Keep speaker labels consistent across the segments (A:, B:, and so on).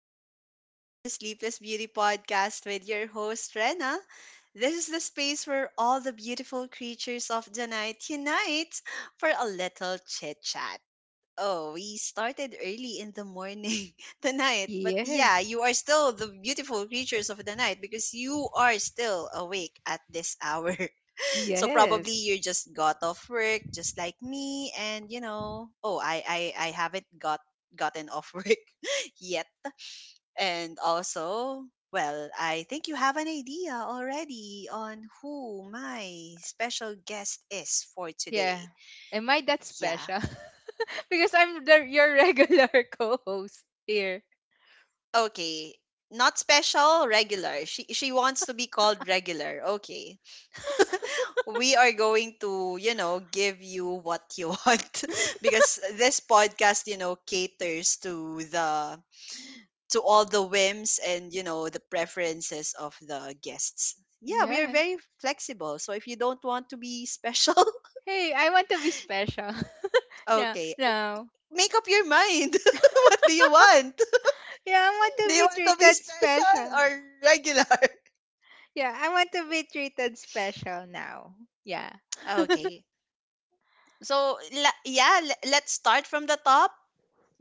A: Welcome back to the Sleepless Beauty Podcast with your host, Rena. This is the space where all the beautiful creatures of the night unite for a little chit chat. Oh, we started early in the morning tonight, but yeah,
B: Yes.
A: you are still the beautiful creatures of the night because you are still awake at this hour. So probably
B: Yes.
A: you just got off work just like me, and I haven't got gotten off work yet. And also, well, I think you have an idea already on who my special guest is for
B: Yeah.
A: today.
B: Am I that
A: Yeah.
B: special? because I'm the, your regular co-host here.
A: Okay. Not special, regular. She wants to be called regular. Okay. We are going to, give you what you want, because this podcast, caters to the to all the whims and the preferences of the guests. Yeah, we are
B: Yeah.
A: very flexible, so if you don't want to be special…
B: Hey, I want to be special. no,
A: Okay,
B: no.
A: make up your mind. What do you want?
B: Yeah, I want to
A: Do you
B: be
A: want to be
B: treated
A: special
B: special.
A: or regular?
B: Yeah, I want to be treated special now. Yeah.
A: Okay, let's start from the top.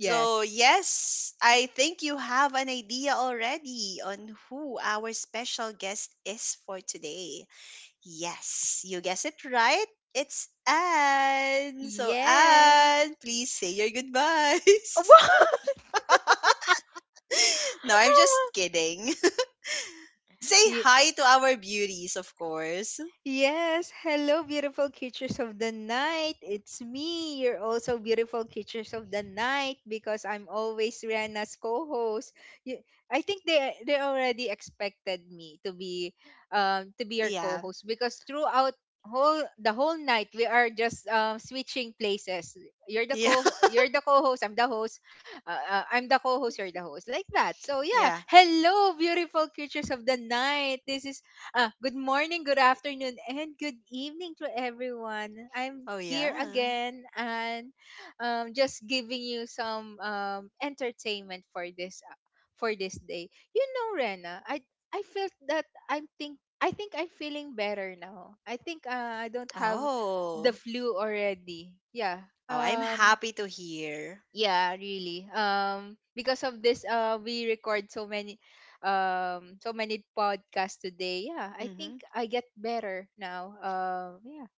A: So yes, I think you have an idea already on who our special guest is for today. Yes, you guess it right. It's Anne. So,
B: Yes.
A: Anne, please say your goodbyes.
B: What?
A: No, I'm
B: Oh,
A: just kidding. Say
B: wow.
A: hi to our beauties, of course.
B: Yes, hello, beautiful creatures of the night. It's me. You're also beautiful creatures of the night because I'm always Rihanna's co-host. You, I think they already expected me to be your
A: Yeah.
B: co-host because throughout whole the whole night we are just switching places.
A: Yeah.
B: You're the co-host. I'm the host. I'm the co-host. You're the host, like that. So yeah,
A: Yeah.
B: hello, beautiful creatures of the night. This is good morning, good afternoon, and good evening to everyone. I'm
A: Oh,
B: here
A: yeah.
B: again and just giving you some entertainment for this day. You know, Rena, I felt that I'm think I think I'm feeling better now. I think I don't have the
A: Oh.
B: flu already. Yeah.
A: Oh, I'm happy to hear.
B: Yeah, really. Because of this, we record so many, so many podcasts today. Yeah, I think
A: Mm-hmm.
B: I get better now. Yeah.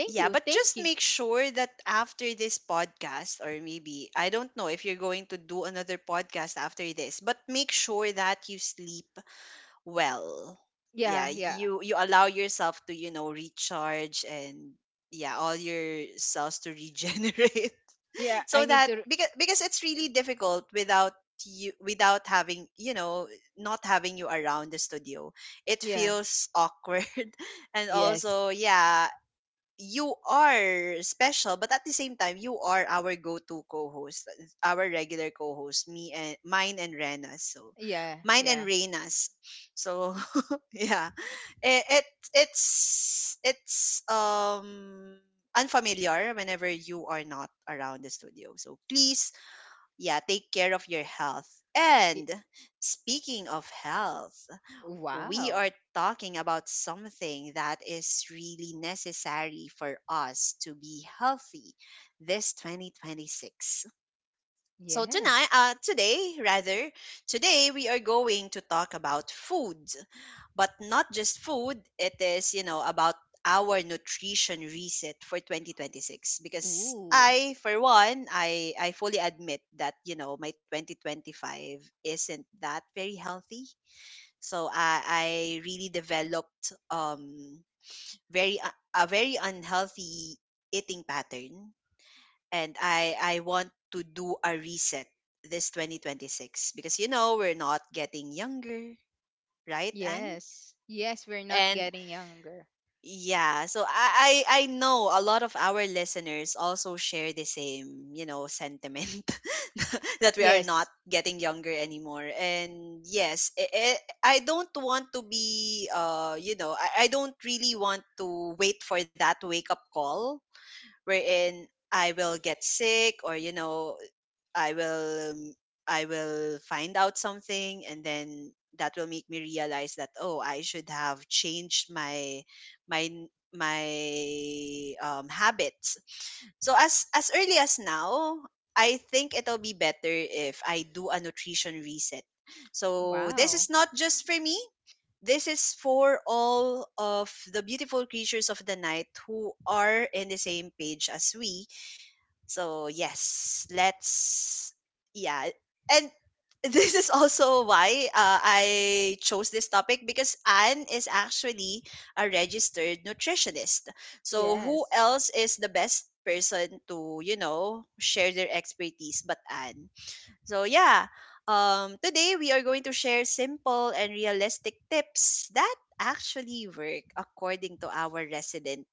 B: Thank
A: Yeah,
B: you,
A: but just
B: thank you.
A: make sure that after this podcast, or maybe, I don't know if you're going to do another podcast after this, but make sure that you sleep well. Yeah,
B: Yeah, yeah,
A: you allow yourself to, recharge and yeah, all your cells to regenerate.
B: yeah.
A: So
B: I need
A: that,
B: to
A: because it's really difficult without you, without having, not having you around the studio, it
B: Yeah.
A: feels awkward. And
B: Yes.
A: also yeah, you are special, but at the same time, you are our go-to co-host, our regular co-host, me and mine and Rena's. So,
B: Yeah.
A: mine and
B: Yeah.
A: Rena's. So, yeah, it, it it's unfamiliar whenever you are not around the studio. So please, yeah, take care of your health.
B: Y-
A: And speaking of health, we are
B: Wow.
A: talking about something that is really necessary for us to be healthy this 2026. So tonight,
B: Yes.
A: today rather, today we are going to talk about food, but not just food. It is about our nutrition reset for 2026, because
B: Ooh.
A: I, for one, I fully admit that my 2025 isn't that very healthy. So I really developed very a very unhealthy eating pattern, and I want to do a reset this 2026, because you know we're not getting younger, right? And
B: Yes. Yes. We're not
A: and
B: getting younger.
A: yeah, so I know a lot of our listeners also share the same, you know, sentiment that we are
B: Yes.
A: not getting younger anymore. And yes, I don't want to be you know, I don't really want to wait for that wake up call wherein I will get sick, or you know, I will um, I will find out something, and then that will make me realize that, oh, I should have changed my my habits. So as early as now, I think it'll be better if I do a nutrition reset. So this
B: Wow.
A: is not just for me. This is for all of the beautiful creatures of the night who are in the same page as we. So yes, let's… yeah. And this is also why, I chose this topic, because Anne is actually a registered nutritionist. So who
B: Yes.
A: else is the best person to, you know, share their expertise but Anne? So yeah, today we are going to share simple and realistic tips that actually work, according to our resident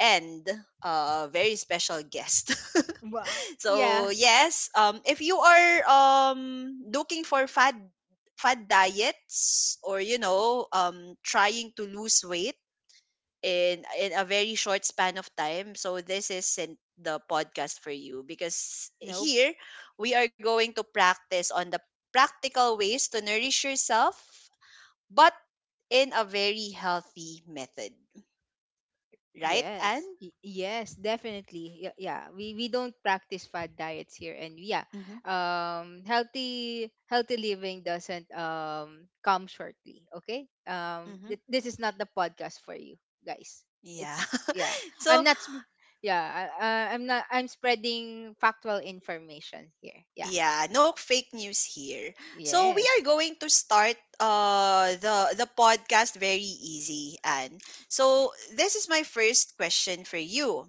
A: and very special guest.
B: Wow.
A: So
B: Yeah.
A: yes, if you are looking for fad diets, or you know trying to lose weight in a very short span of time, so this isn't the podcast for you, because
B: No.
A: here we are going to practice on the practical ways to nourish yourself, but in a very healthy method, right? And
B: Yes, yes, definitely. Yeah, yeah. We don't practice fad diets here, and yeah,
A: mm-hmm,
B: healthy living doesn't come shortly. Okay,
A: mm-hmm.
B: this is not the podcast for you guys.
A: Yeah.
B: It's yeah. I'm
A: So
B: not. Sp- Yeah, I'm not. I'm spreading factual information here. Yeah.
A: yeah, no fake news here. So we are
B: Yes.
A: going to start the podcast very easy, and so this is my first question for you.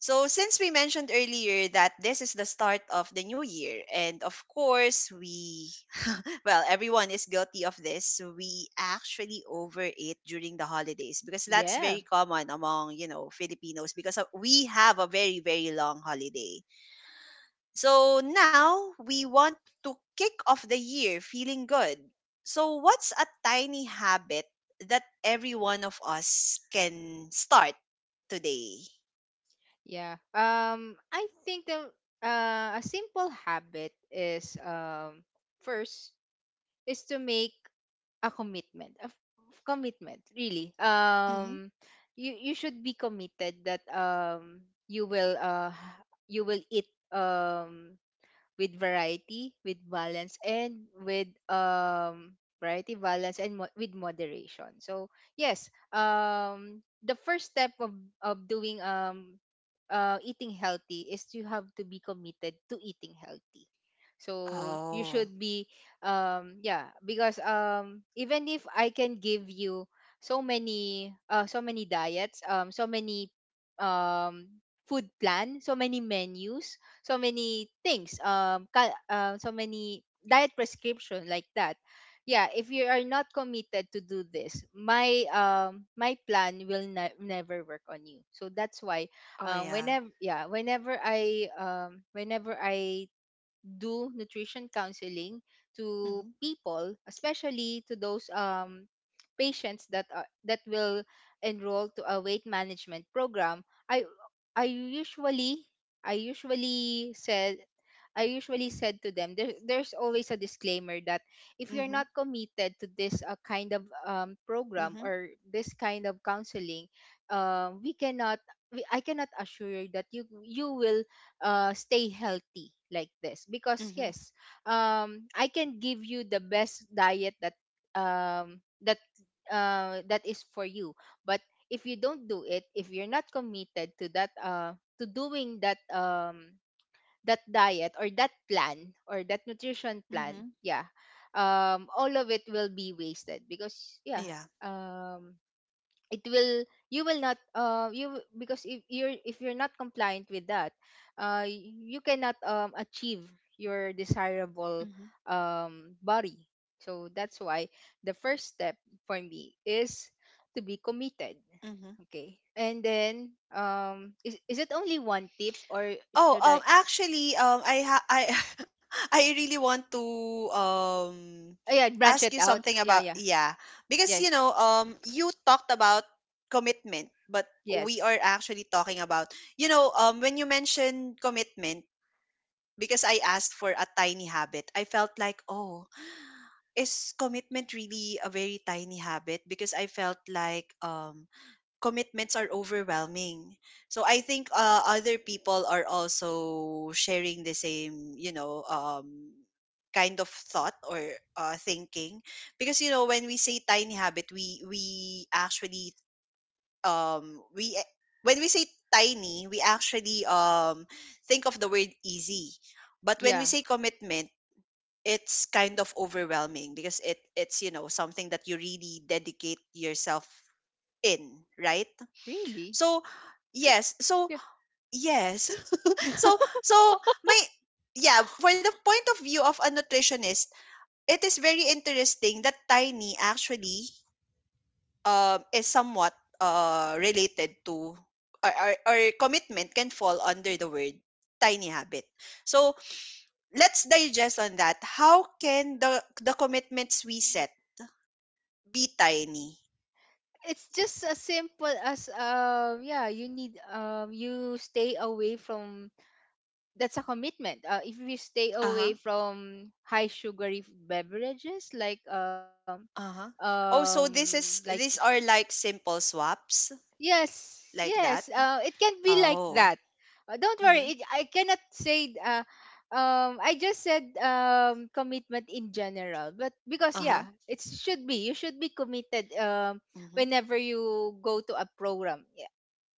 A: So since we mentioned earlier that this is the start of the new year, and of course we, well, everyone is guilty of this. We actually overeat during the holidays because that's
B: Yeah.
A: very common among you know Filipinos because of- we have a very very long holiday. So now we want to kick off the year feeling good. So, what's a tiny habit that every one of us can start today?
B: Yeah. I think the a simple habit is first is to make a commitment, really.
A: Mm-hmm.
B: You should be committed that you will you will eat um with variety, with balance, and with variety, balance, and with moderation. So yes, the first step of doing eating healthy is you have to be committed to eating healthy. So you
A: Oh,
B: should be yeah, because even if I can give you so many diets, so many food plan, so many menus, so many so many diet prescription like that, yeah, if you are not committed to do this, my plan will never work on you. So that's why
A: oh yeah.
B: whenever I do nutrition counseling to
A: Mm-hmm.
B: people, especially to those patients that will enroll to a weight management program. I usually I usually said I usually said to them there, there's always a disclaimer that if you're
A: Mm-hmm.
B: not committed to this kind of program
A: Mm-hmm.
B: or this kind of counseling, we cannot we, I cannot assure you that you will stay healthy like this, because
A: Mm-hmm.
B: yes, I can give you the best diet that um that that is for you, but if you don't do it, if you're not committed to that, to doing that that diet or that plan or that nutrition plan,
A: Mm-hmm.
B: yeah, all of it will be wasted, because yeah,
A: Yeah.
B: um it will you will not because if you're not compliant with that, you cannot achieve your desirable body. So that's why the first step for me is to be committed.
A: Mm-hmm.
B: Okay, and then is it only one tip or
A: Oh,
B: should I?
A: actually, I I really want to um
B: Oh, yeah, branch
A: ask
B: it
A: you
B: out.
A: something
B: Yeah,
A: about.
B: yeah.
A: Yeah, because
B: Yeah.
A: you talked about commitment, but we
B: Yes.
A: are actually talking about, you know, when you mentioned commitment, because I asked for a tiny habit, I felt like, oh, is commitment really a very tiny habit? Because I felt like commitments are overwhelming. So I think, other people are also sharing the same, you know, kind of thought, or thinking, because you know when we say tiny habit, we actually um we e- when we say tiny, we actually think of the word easy, but when we
B: Yeah,
A: say commitment, it's kind of overwhelming, because it's, you know, something that you really dedicate yourself in, right?
B: really.
A: So yes, so
B: Yeah.
A: yes. so so my, yeah, for the point of view of a nutritionist, it is very interesting that tiny actually is somewhat related to, or commitment can fall under the word tiny habit. So let's digest on that. How can the commitments we set be tiny?
B: It's just as simple as yeah, you need you stay away from, that's a commitment, if you stay away
A: Uh-huh.
B: from high sugary beverages, like
A: Uh-huh. Oh, so
B: um
A: this
B: like
A: is,
B: s-
A: these are like simple swaps
B: yes.
A: like
B: Yes,
A: that.
B: it can be like that.
A: Oh.
B: Don't
A: Mm-hmm.
B: worry, I cannot say, I just said commitment in general, but because
A: Uh-huh.
B: yeah, it should be, you should be committed,
A: Mm-hmm.
B: whenever you go to a program.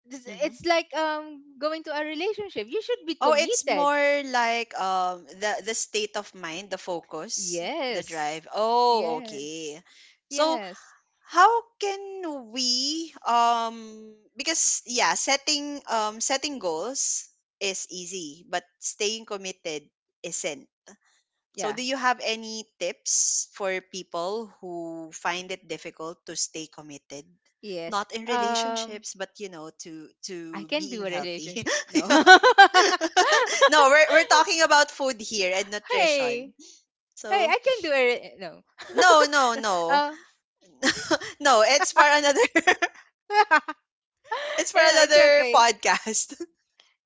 A: Mm-hmm.
B: It's like going to a relationship. You should be
A: Oh, it's
B: committed.
A: more like the state of mind, the focus, the
B: Yes.
A: drive. Oh,
B: Yeah.
A: okay. So
B: Yes.
A: how can we because yeah, setting goals is easy, but staying committed isn't. So,
B: Yeah.
A: do you have any tips for people who find it difficult to stay committed?
B: Yes.
A: Not in
B: Um,
A: relationships, but you know,
B: I
A: to
B: can do
A: being
B: a
A: healthy.
B: relationship. No.
A: Yeah. No, we're talking about food here and nutrition.
B: Hey. Hey, I can
A: So
B: do a no.
A: no, no,
B: um
A: no, no. It's for another. It's for
B: no, it's
A: another
B: okay.
A: podcast.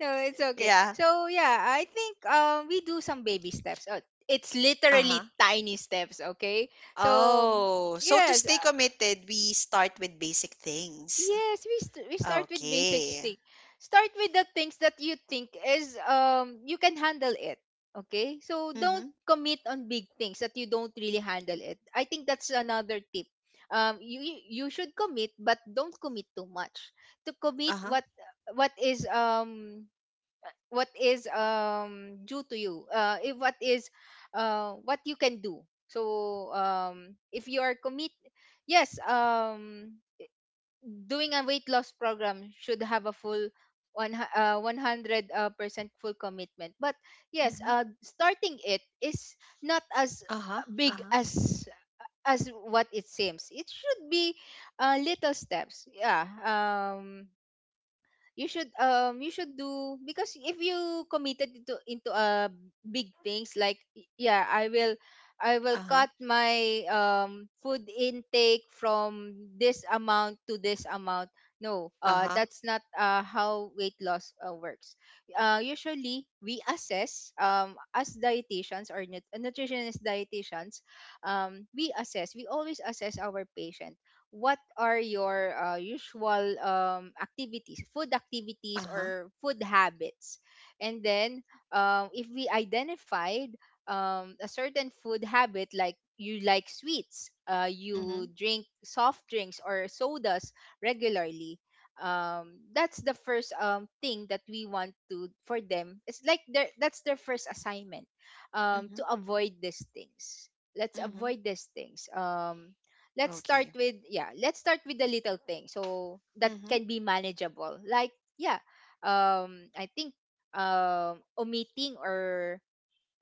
B: No, it's okay.
A: Yeah.
B: So yeah, I think we do some baby steps. It's
A: Uh huh.
B: literally tiny steps, okay? So
A: Oh, so to
B: yes,
A: stay committed, we start with basic things.
B: We start with basic
A: Okay.
B: thing. Start with the things that you think is you can handle it. Okay? So don't
A: Mhm.
B: commit on big things that you don't really handle it. I think that's another tip. Um, you you should commit, but don't commit too much. To commit
A: Uh huh.
B: what, what is um what is due to you. Uh, if what is, what you can do. So if you are commit, yes, doing a weight loss program should have a full 100% full commitment, but yes,
A: Mhm.
B: starting it is not as
A: Uh huh.
B: big
A: Uh.
B: as what it seems it should be. Uh, little steps, yeah. You should do, because if you committed into big things like, yeah, I will,
A: Uh-huh.
B: cut my food intake from this amount to this amount. No,
A: Uh-huh.
B: that's not how weight loss works. Usually we assess, as dietitians or nutritionist dietitians, we always assess our patient, what are your usual activities, food activities,
A: Uh-huh.
B: or food habits? And then if we identified a certain food habit, like you like sweets, you
A: Mhm.
B: drink soft drinks or sodas regularly, that's the first thing that we want to, for them it's like their that's their first assignment,
A: Mhm.
B: to avoid these things. Let's
A: Mhm.
B: avoid these things, let's start
A: Okay.
B: with, yeah, let's start with the little thing so that
A: Mhm.
B: can be manageable, like, yeah. I think Omitting or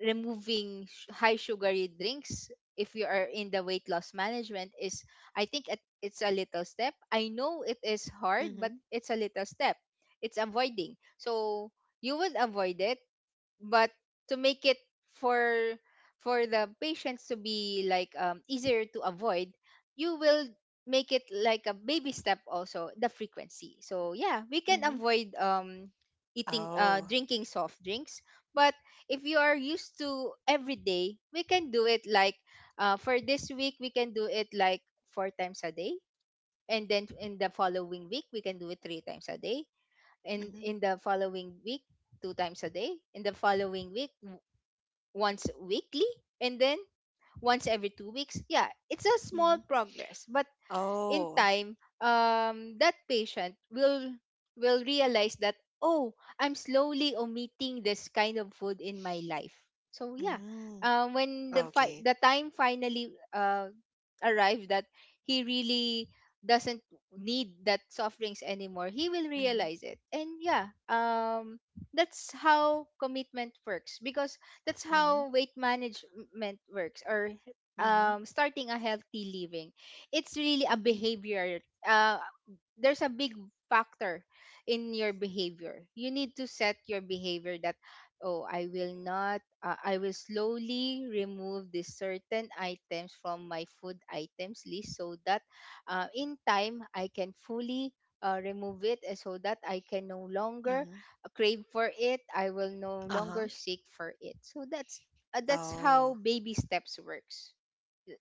B: removing high sugary drinks, if you are in the weight loss management, is, I think it's a little step. I know it is hard, but
A: Mhm.
B: it's a little step. It's avoiding, so you would avoid it, but to make it for for the patients to be like easier to avoid, you will make it like a baby step. Also, the frequency. So yeah, we can
A: Mhm.
B: avoid eating
A: Oh.
B: drinking soft drinks, but if you are used to every day, we can do it like, for this week we can do it like 4 times a day, and then in the following week we can do it 3 times a day,
A: Mhm.
B: in the following week 2 times a day, in the following week once weekly, and then once every 2 weeks. Yeah, it's a small
A: Mhm.
B: progress, but in
A: Oh.
B: time, that patient will realize that, oh, I'm slowly omitting this kind of food in my life. So yeah,
A: Mm.
B: when
A: Okay.
B: the time finally arrived that he really doesn't need that soft drinks anymore, he will
A: Mhm.
B: realize it. And yeah, that's how commitment works, because that's
A: Mhm.
B: how weight management works, or
A: Mhm.
B: starting a healthy living, it's really a
A: Mhm.
B: behavior. uh there's a big factor in your behavior. You need to set your behavior that, oh, I will not, I will slowly remove these certain items from my food items list, so that, in time I can fully remove it, so that I can no longer
A: Mhm.
B: crave for it, I will no
A: Uh-huh.
B: longer seek for it. So that's, that's
A: Oh.
B: how baby steps works.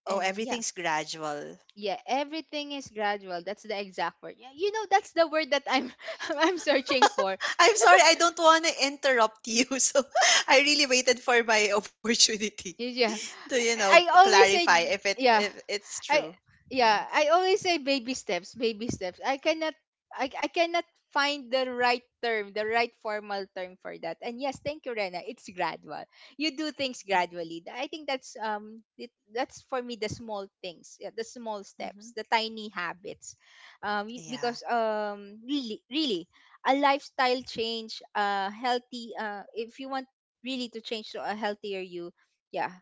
A: Oh,
B: And yeah,
A: everything's gradual.
B: yeah, everything is gradual. That's the exact word. Yeah, you know, that's the word that I'm I'm searching for.
A: I'm sorry, I don't want to interrupt you. So I really waited for my opportunity
B: Yeah.
A: to, you know,
B: I always say
A: clarify if it if
B: yeah.
A: it's true.
B: I
A: Yeah.
B: Yeah, I always say baby steps, baby steps. I cannot, I cannot find the right term, the right formal term for that. And yes, thank you, Rena. It's gradual. You do things gradually. I think that's that's for me the small things, yeah, the small steps,
A: Mhm.
B: the tiny habits.
A: Yeah.
B: Because really a lifestyle change, healthy if you want really to change to a healthier you, yeah,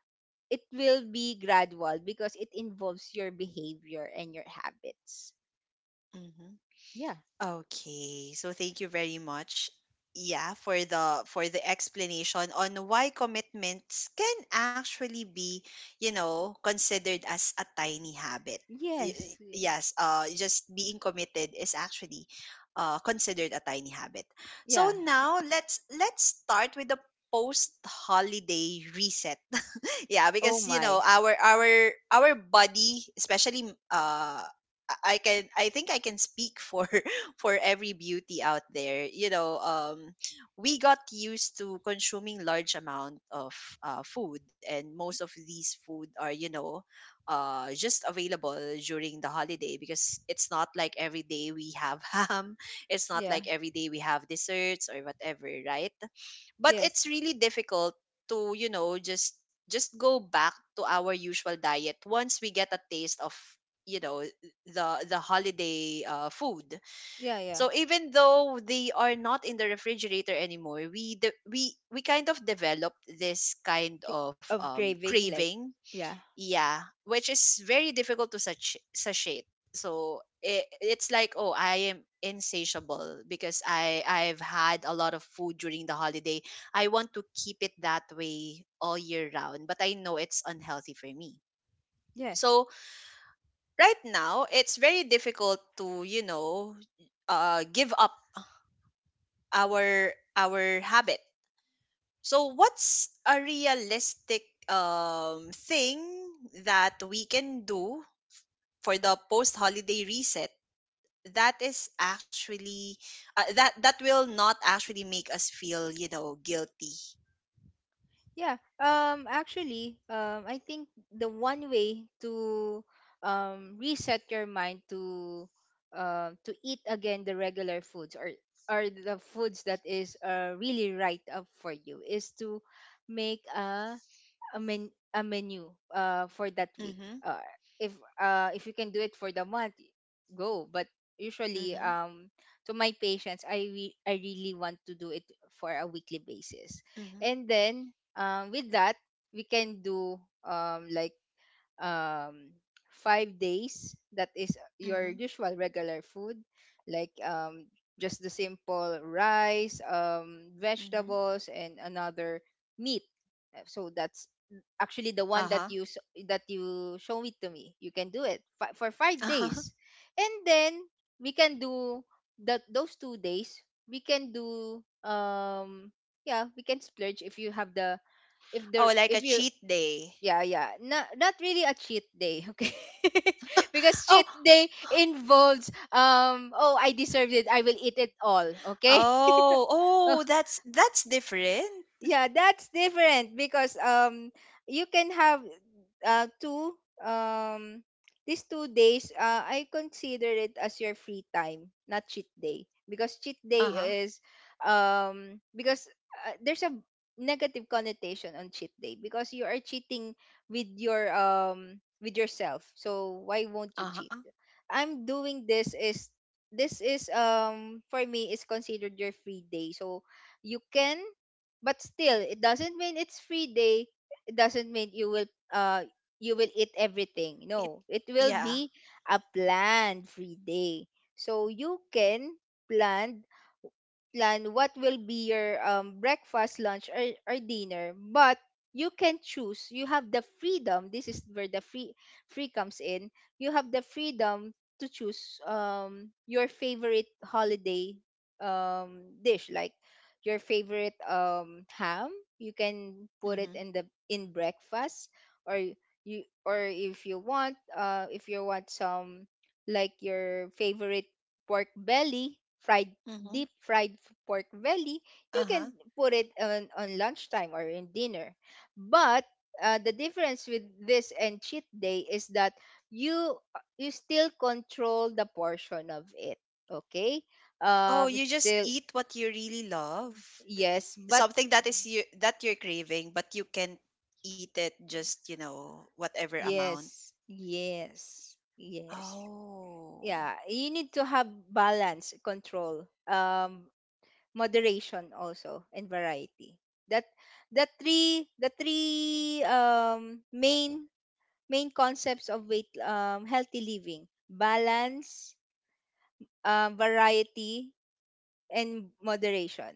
B: it will be gradual because it involves your behavior and your habits.
A: Hmm.
B: Yeah.
A: Okay, so thank you very much. Yeah, for the explanation on why commitments can actually be, you know, considered as a tiny habit.
B: Yes. y-
A: Yes, just being committed is actually considered a tiny habit.
B: Yeah.
A: So now let's start with the post holiday reset. Yeah,
B: Oh
A: because you know
B: my.
A: our body, especially I can I think I can speak for for every beauty out there. You know, we got used to consuming large amount of food, and most of these food are you know just available during the holiday, because it's not like every day we have ham. It's not
B: Yeah.
A: like every day we have desserts or whatever, right? But it's
B: Yes.
A: really difficult to, you know, just go back to our usual diet once we get a taste of, you know, the holiday food.
B: Yeah, yeah.
A: So even though they are not in the refrigerator anymore, we we kind of developed this kind
B: Cr-
A: of
B: Of craving, like,
A: craving.
B: yeah.
A: Yeah, which is very difficult to satiate. So it's like, oh, I am insatiable, because I I've had a lot of food during the holiday. I want to keep it that way all year round, but I know it's unhealthy for me.
B: Yes.
A: So right now, it's very difficult to, you know, give up our habit. So what's a realistic thing that we can do for the post holiday reset that is actually that will not actually make us feel, you know, guilty?
B: Yeah. Um, actually, I think the one way to reset your mind to, to eat again the regular foods, or the foods that is, really right up for you, is to make a menu for that week.
A: Mm-hmm.
B: Uh, if you can do it for the month, go. But usually
A: Mm-hmm.
B: to my patients, I really want to do it for a weekly basis.
A: Mm-hmm.
B: And then with that we can do um 5 days that is your
A: Mm-hmm.
B: usual regular food, like just the simple rice,
A: Mm-hmm.
B: vegetables, and another meat. So that's actually the one that
A: Uh-huh.
B: that you show it to me. You can do it for five
A: Uh-huh.
B: days and then we can do that those 2 days. We can do um yeah, we can splurge if you have the if
A: Oh,
B: the
A: like a
B: if you
A: cheat day.
B: yeah yeah, not really a cheat day, okay. Because
A: Oh.
B: cheat day involves, um, oh, I deserved it, I will eat it all, okay.
A: Oh. Oh, that's different.
B: Yeah, that's different because, um, you can have two these 2 days, uh, I consider it as your free time, not cheat day. Because cheat day
A: Uh-huh.
B: is, um, because, there's a negative connotation on cheat day because you are cheating with your, um, with yourself. So why won't you
A: Uh-huh.
B: cheat?
A: Uh.
B: I'm doing this, is this is, for me is considered your free day. So you can, but still it doesn't mean it's free day, it doesn't mean you will, uh you will eat everything.
A: It
B: No, it will
A: yeah.
B: be a planned free day. So you can plan, plan what will be your, breakfast, lunch, or dinner. But you can choose. You have the freedom. This is where the free comes in. You have the freedom to choose, your favorite holiday, dish, like your favorite, ham. You can put it
A: Mm-hmm.
B: in the in breakfast, or you, or if you want some, like your favorite pork belly, fried,
A: Mm-hmm.
B: deep fried pork belly, you
A: Uh-huh.
B: can put it on lunchtime or in dinner. But, the difference with this and cheat day is that you you still control the portion of it. Okay,
A: Oh, you
B: it's
A: just
B: still,
A: eat what you really love.
B: yes, but
A: Something that is you that you're craving but you can eat it just whatever
B: yes,
A: amount.
B: yes, yes.
A: Oh.
B: Yeah, you need to have balance, control. Moderation also, and variety. That the three, the three main concepts of weight, um, healthy living: balance, variety, and moderation.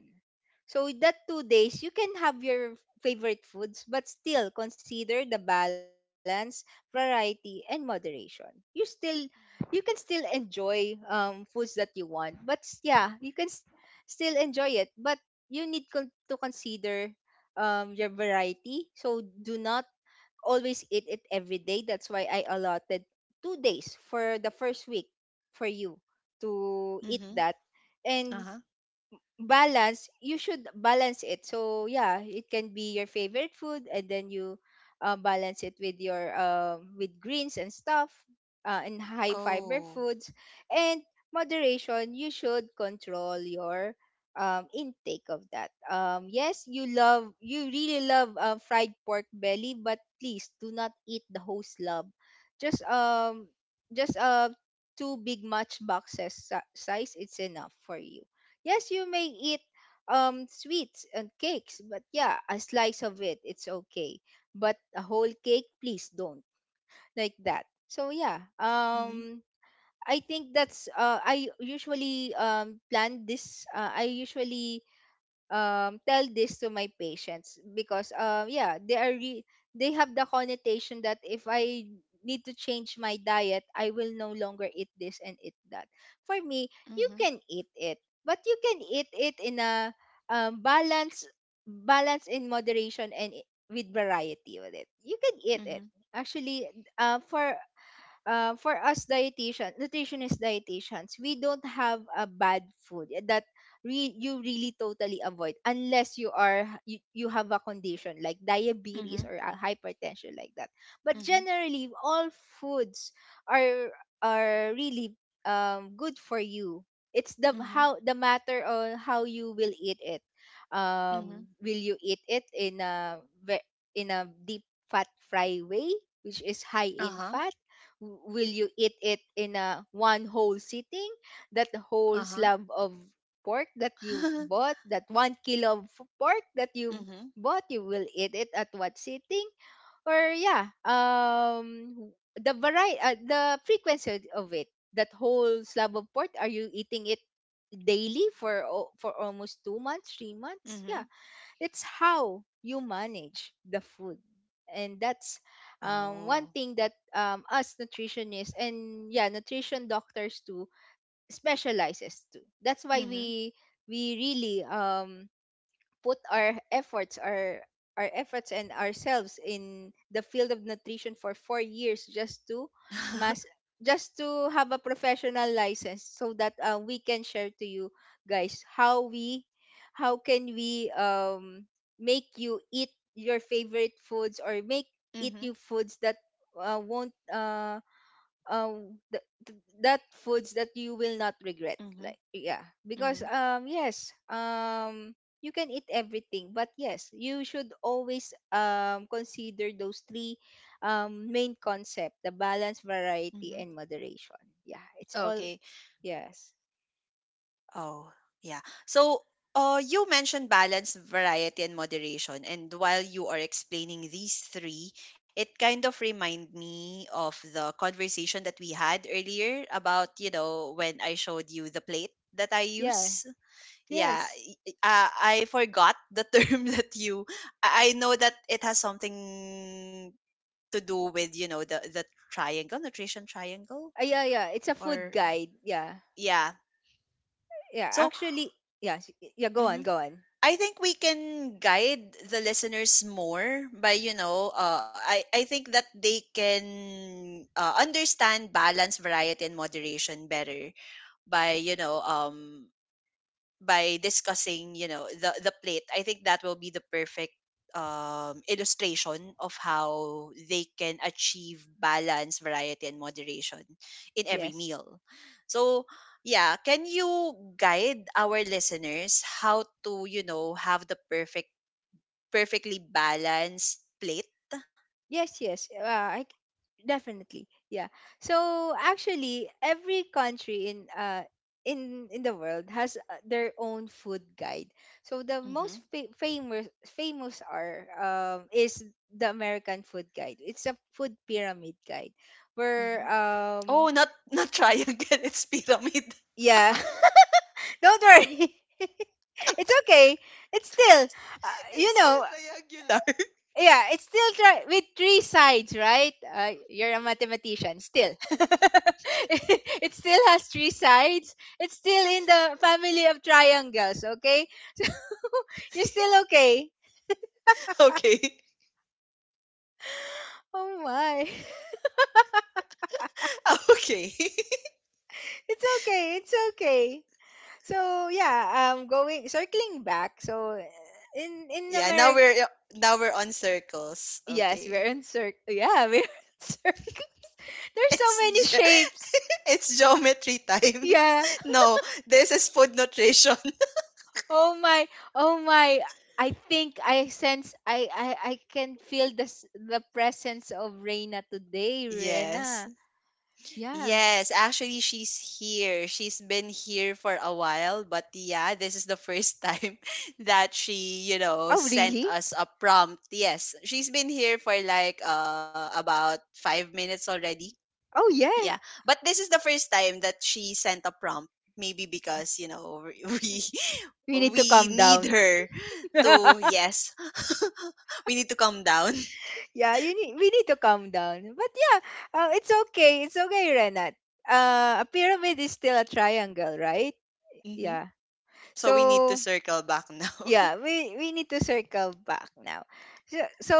B: So with that 2 days, you can have your favorite foods, but still consider the balance, variety, and moderation. You still, you can still enjoy, foods that you want, but yeah, you can still enjoy it, but you need to consider, your variety. So do not always eat it every day. That's why I allotted 2 days for the first week for you to eat
A: Mm-hmm.
B: that. And
A: Uh-huh.
B: balance, you should balance it. So yeah, it can be your favorite food, and then you, balance it with your, um, with greens and stuff, and high fiber
A: Oh.
B: foods. And moderation, you should control your, intake of that. Um, yes, you really love, fried pork belly, but please do not eat the whole slab. Just, um, just, uh, two big match boxes size, it's enough for you. Yes, you may eat, um, sweets and cakes, but yeah, a slice of it, it's okay. But a whole cake, please don't. Like that. So yeah,
A: Mm-hmm.
B: um, I think that's, uh, I usually, um, plan this, I usually, um, tell this to my patients because, um, yeah, they are they have the connotation that if I need to change my diet, I will no longer eat this and eat that. For me, you
A: Mm-hmm.
B: can eat it, but you can eat it in a, balance, balance in moderation, and with variety. With it, you can eat it.
A: Mm-hmm.
B: Actually, for, for us dietitian, nutritionist dietitians, we don't have a bad food that you really totally avoid, unless you are, you have a condition like
A: Mm-hmm.
B: diabetes or a hypertension, like that. But
A: Mm-hmm.
B: generally all foods are are really, good for you. It's the
A: Mm-hmm.
B: how, the matter on how you will eat it.
A: Mm-hmm.
B: Um, will you eat it in a ve- in a deep fat fry way, which is high in
A: Uh-huh.
B: fat? Will you eat it in a one whole sitting, that whole
A: Uh-huh.
B: slab of pork that you bought, that 1 kilo of pork that you
A: Hmm.
B: bought, you will eat it at what sitting? Or yeah, um, the variety, the frequency of it, that whole slab of pork, are you eating it daily for for almost 2 months, 3 months? Yeah,
A: Hmm.
B: it's how you manage the food. And that's, one
A: Oh.
B: thing that, us nutritionists and yeah, nutrition doctors too specializes too. That's why
A: Mm-hmm.
B: we really, put our efforts, our efforts and ourselves in the field of nutrition for 4 years, just to mas just to have a professional license so that, we can share to you guys how we, how can we, um, make you eat your favorite foods, or make eat
A: Mm-hmm.
B: you foods that, won't, um, that foods that you will not regret.
A: Mm-hmm.
B: Like yeah, because,
A: Mm-hmm.
B: um, yes, um, you can eat everything, but yes, you should always, um, consider those three, um, main concept: the balance, variety,
A: Mm-hmm.
B: and moderation. Yeah, it's all,
A: Okay.
B: yes,
A: Oh, yeah. So, you mentioned balance, variety, and moderation. And while you are explaining these three, it kind of remind me of the conversation that we had earlier about, you know, when I showed you the plate that I
B: yeah,
A: use. Yeah,
B: yes,
A: I forgot the term that you. I know that it has something to do with, you know, the triangle, nutrition triangle,
B: yeah yeah, it's a food
A: or
B: guide, yeah.
A: yeah.
B: Yeah
A: So.
B: actually, yeah yeah, go
A: Mm-hmm.
B: on, go on,
A: I think we can guide the listeners more by you know I think that they can understand balance, variety, and moderation better by you know by discussing you know the plate. I think that will be the perfect illustration of how they can achieve balance variety and moderation in every
B: yes.
A: meal. So yeah, can you guide our listeners how to you know have the perfectly balanced plate?
B: Yes, yes. Definitely. Yeah. So actually, every country in in the world has, their own food guide. So the
A: Mm-hmm.
B: most famous, famous are, um, is the American food guide. It's a food pyramid guide
A: Mm-hmm.
B: where,
A: Oh,
B: um,
A: not triangle, it's pyramid.
B: yeah. Don't worry. It's okay. It's still, you
A: It's still
B: know,
A: triangular.
B: yeah, it's still try with three sides, right? You're a
A: Mhm.
B: mathematician still. It still has three sides. It's still in the family of triangles, okay? You're still okay.
A: Okay.
B: Oh my.
A: Okay.
B: It's okay. It's okay. So, yeah, um, going, circling back. So, in
A: Yeah, now
B: America,
A: we're now we're on circles.
B: yes,
A: Okay.
B: we're in circle. Yeah, we're in circle. There's so
A: It's
B: many
A: ge-
B: shapes.
A: it's geometry time.
B: Yeah.
A: No, this is food nutrition.
B: Oh my, oh my. I think I sense I can feel the the presence of Reina today,
A: Yes.
B: Rena. Yeah.
A: Yes, actually she's here. She's been here for a while, but yeah, this is the first time that she, you know,
B: Oh,
A: sent
B: really?
A: us a prompt. Yes, she's been here for like about 5 minutes already.
B: Oh,
A: Yeah.
B: yeah.
A: But this is the first time that she sent a prompt maybe because you know
B: We need to
A: we
B: calm
A: need
B: down.
A: her
B: Yeah,
A: to, yes, we need to calm down.
B: we need to calm down. But yeah, it's okay. It's okay, Renat. A pyramid is still a triangle, right?
A: Hmm.
B: Yeah.
A: So we need to
B: So
A: circle back now.
B: yeah, we need to circle back now. So, so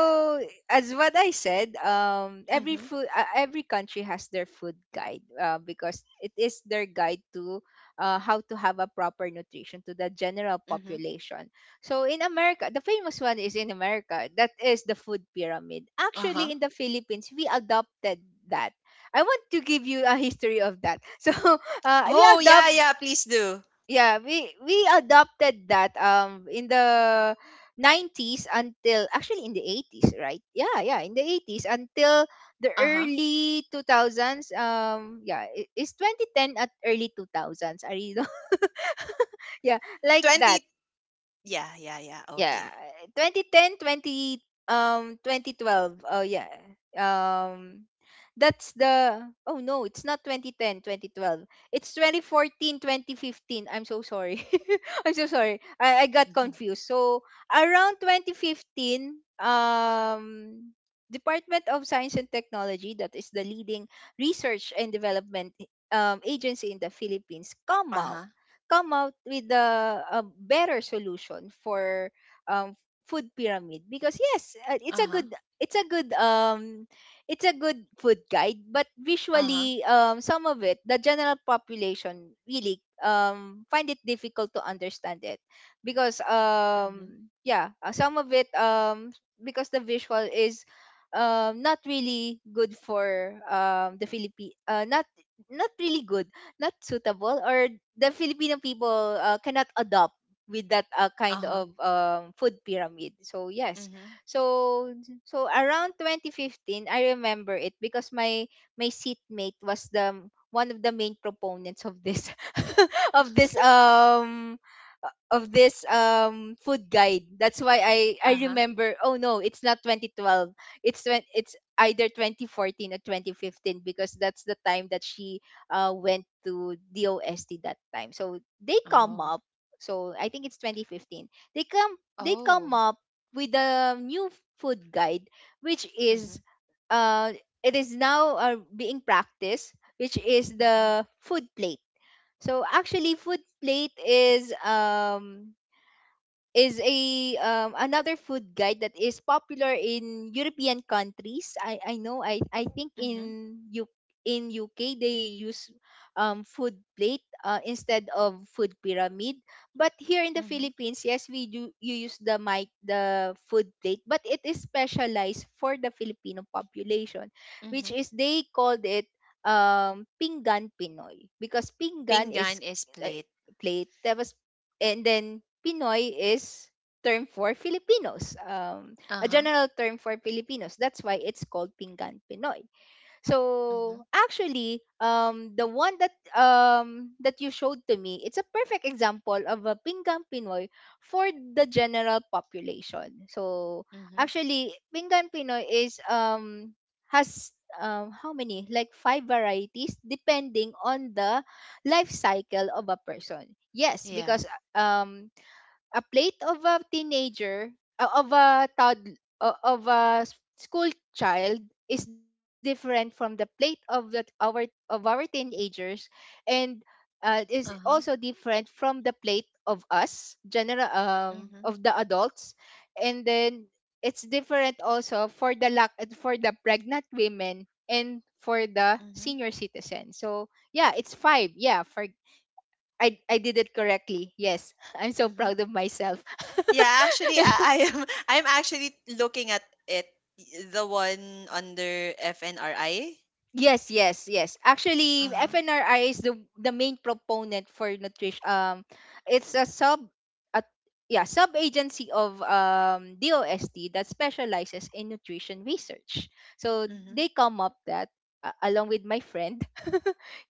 B: as what I said, um, every
A: Mm-hmm.
B: food, every country has their food guide, because it is their guide to, how to have a proper nutrition to the general
A: Mm-hmm.
B: population. So in America the famous one, is in America, that is the food pyramid. Actually
A: Uh-huh.
B: in the Philippines we adopted that. I want to give you a history of that. So, we
A: Oh, yeah,
B: adopted,
A: yeah, please do.
B: yeah, we adopted that, um, in the 90s, until, actually, in the 80s, right? Yeah yeah, in the 80s until the
A: Uh-huh.
B: early 2000s. Um, yeah, is 2010 at early 2000s, are you? Yeah, like
A: 20,
B: that.
A: yeah, yeah, yeah,
B: Yeah,
A: okay.
B: 2010, twenty, um, 2012, oh yeah, um, that's the, oh no, it's not 2010, 2012. It's 2014, 2015. I'm so sorry. I'm so sorry. I got
A: Mm-hmm.
B: confused. So around 2015, um, Department of Science and Technology, that is the leading research and development, agency in the Philippines, come out,
A: Uh-huh.
B: come out with a better solution for, um, food pyramid. Because yes, it's a
A: Uh-huh.
B: good, it's a good, um, it's a good food guide, but
A: Uh-huh.
B: visually, some of it, the general population really, find it difficult to understand it, because,
A: Mm-hmm.
B: yeah, some of it, because the visual is, not really good for, the Philippine, not not really good, not suitable, or the Filipino people, cannot adopt with that, kind
A: Uh-huh.
B: of, food pyramid. So yes,
A: Mm-hmm.
B: so so around 2015, I remember it because my seatmate was the one of the main proponents of this of this, um, of this, um, food guide. That's why I
A: Uh-huh.
B: remember. Oh no, it's not 2012. It's when it's either 2014 or 2015, because that's the time that she, uh, went to DOST that time. So they come
A: Oh.
B: up. So I think it's 2015. They come, they come
A: Oh.
B: up with the new food guide, which is,
A: Mm-hmm.
B: uh, it is now, being practiced, which is
A: Mm-hmm.
B: the food plate. So actually food plate is, um, is a, another food guide that is popular in European countries. I know, I think
A: Mm-hmm.
B: in U in UK they use, food plate, instead of food pyramid. But here in the
A: Mm-hmm.
B: Philippines, yes, we do you use the mic the food plate, but it is specialized for the Filipino population,
A: Mm-hmm.
B: which is they called it, pinggan Pinoy. Because pinggan is,
A: Pinggan is
B: uh,
A: plate.
B: plate. That, and then Pinoy is term for Filipinos. A
A: Uh-huh.
B: general term for Filipinos. That's why it's called Pinggan Pinoy.
A: Mm-hmm.
B: So actually, the one that you showed to me, it's a perfect example of a Pinggan Pinoy for the general population. So
A: Mm-hmm.
B: actually, Pinggan Pinoy is has how many, like five varieties depending on the life cycle of a person. Yes,
A: Yeah.
B: because um a plate of a teenager, of a toddler, of a school child is different from the plate of the our of our teenagers, and is also
A: Uh-huh.
B: different from the plate of us general
A: Mm-hmm.
B: of the adults, and then it's different also for the lack for the pregnant women and for the
A: Mm-hmm.
B: senior citizen. So yeah, it's five, yeah, for I did it correctly. Yes. I'm so
A: Mm-hmm.
B: proud of myself.
A: Yeah, actually, I am I'm actually looking at it, the one under FNRI.
B: Yes, yes, yes. Actually,
A: Uh-huh.
B: FNRI is the main proponent for nutrition. It's a a, yeah, sub agency of DOST that specializes in nutrition research. So
A: Mm-hmm.
B: they come up that along with my friend.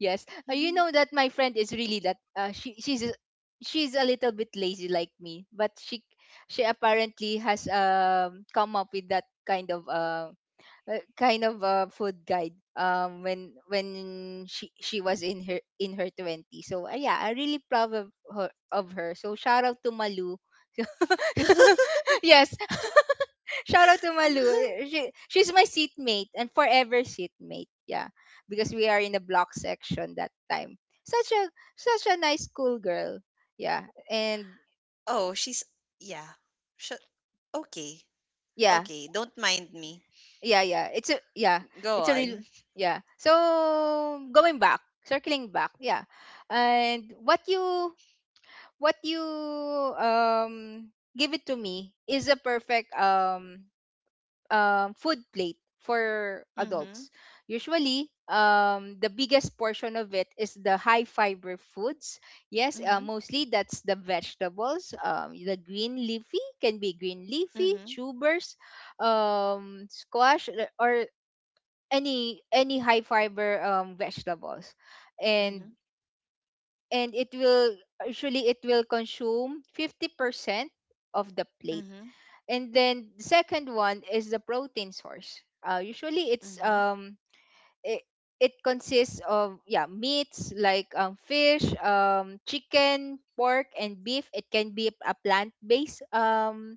B: Yes, you know that my friend is really that. She's a little bit lazy like me, but she apparently has come up with that kind of a food guide when she was in her 20s. So yeah, I'm really proud of her, so shout out to Malu. Yes. Shout out to Malu. She's my seatmate and forever seatmate, yeah, because we are in the block section that time. Such a such a nice, cool girl, yeah. And
A: Oh, she's yeah. Sh- okay,
B: yeah
A: okay. Don't mind me.
B: yeah, it's a, yeah,
A: Go
B: it's a real,
A: on.
B: yeah. So going back, circling back, yeah. And what you give it to me is a perfect food plate for
A: Mm-hmm.
B: adults. Usually the biggest portion of it is the high fiber foods, yes.
A: Mm-hmm.
B: Mostly that's the vegetables, the green leafy, can be green leafy,
A: Mm-hmm.
B: tubers, squash, or any high fiber vegetables. and
A: Mm-hmm.
B: and it will usually, it will consume 50% of the plate.
A: Mm-hmm.
B: And then the second one is the protein source. Usually it's
A: Mm-hmm.
B: it, it consists of, yeah, meats like fish, chicken, pork, and beef. It can be a plant based um,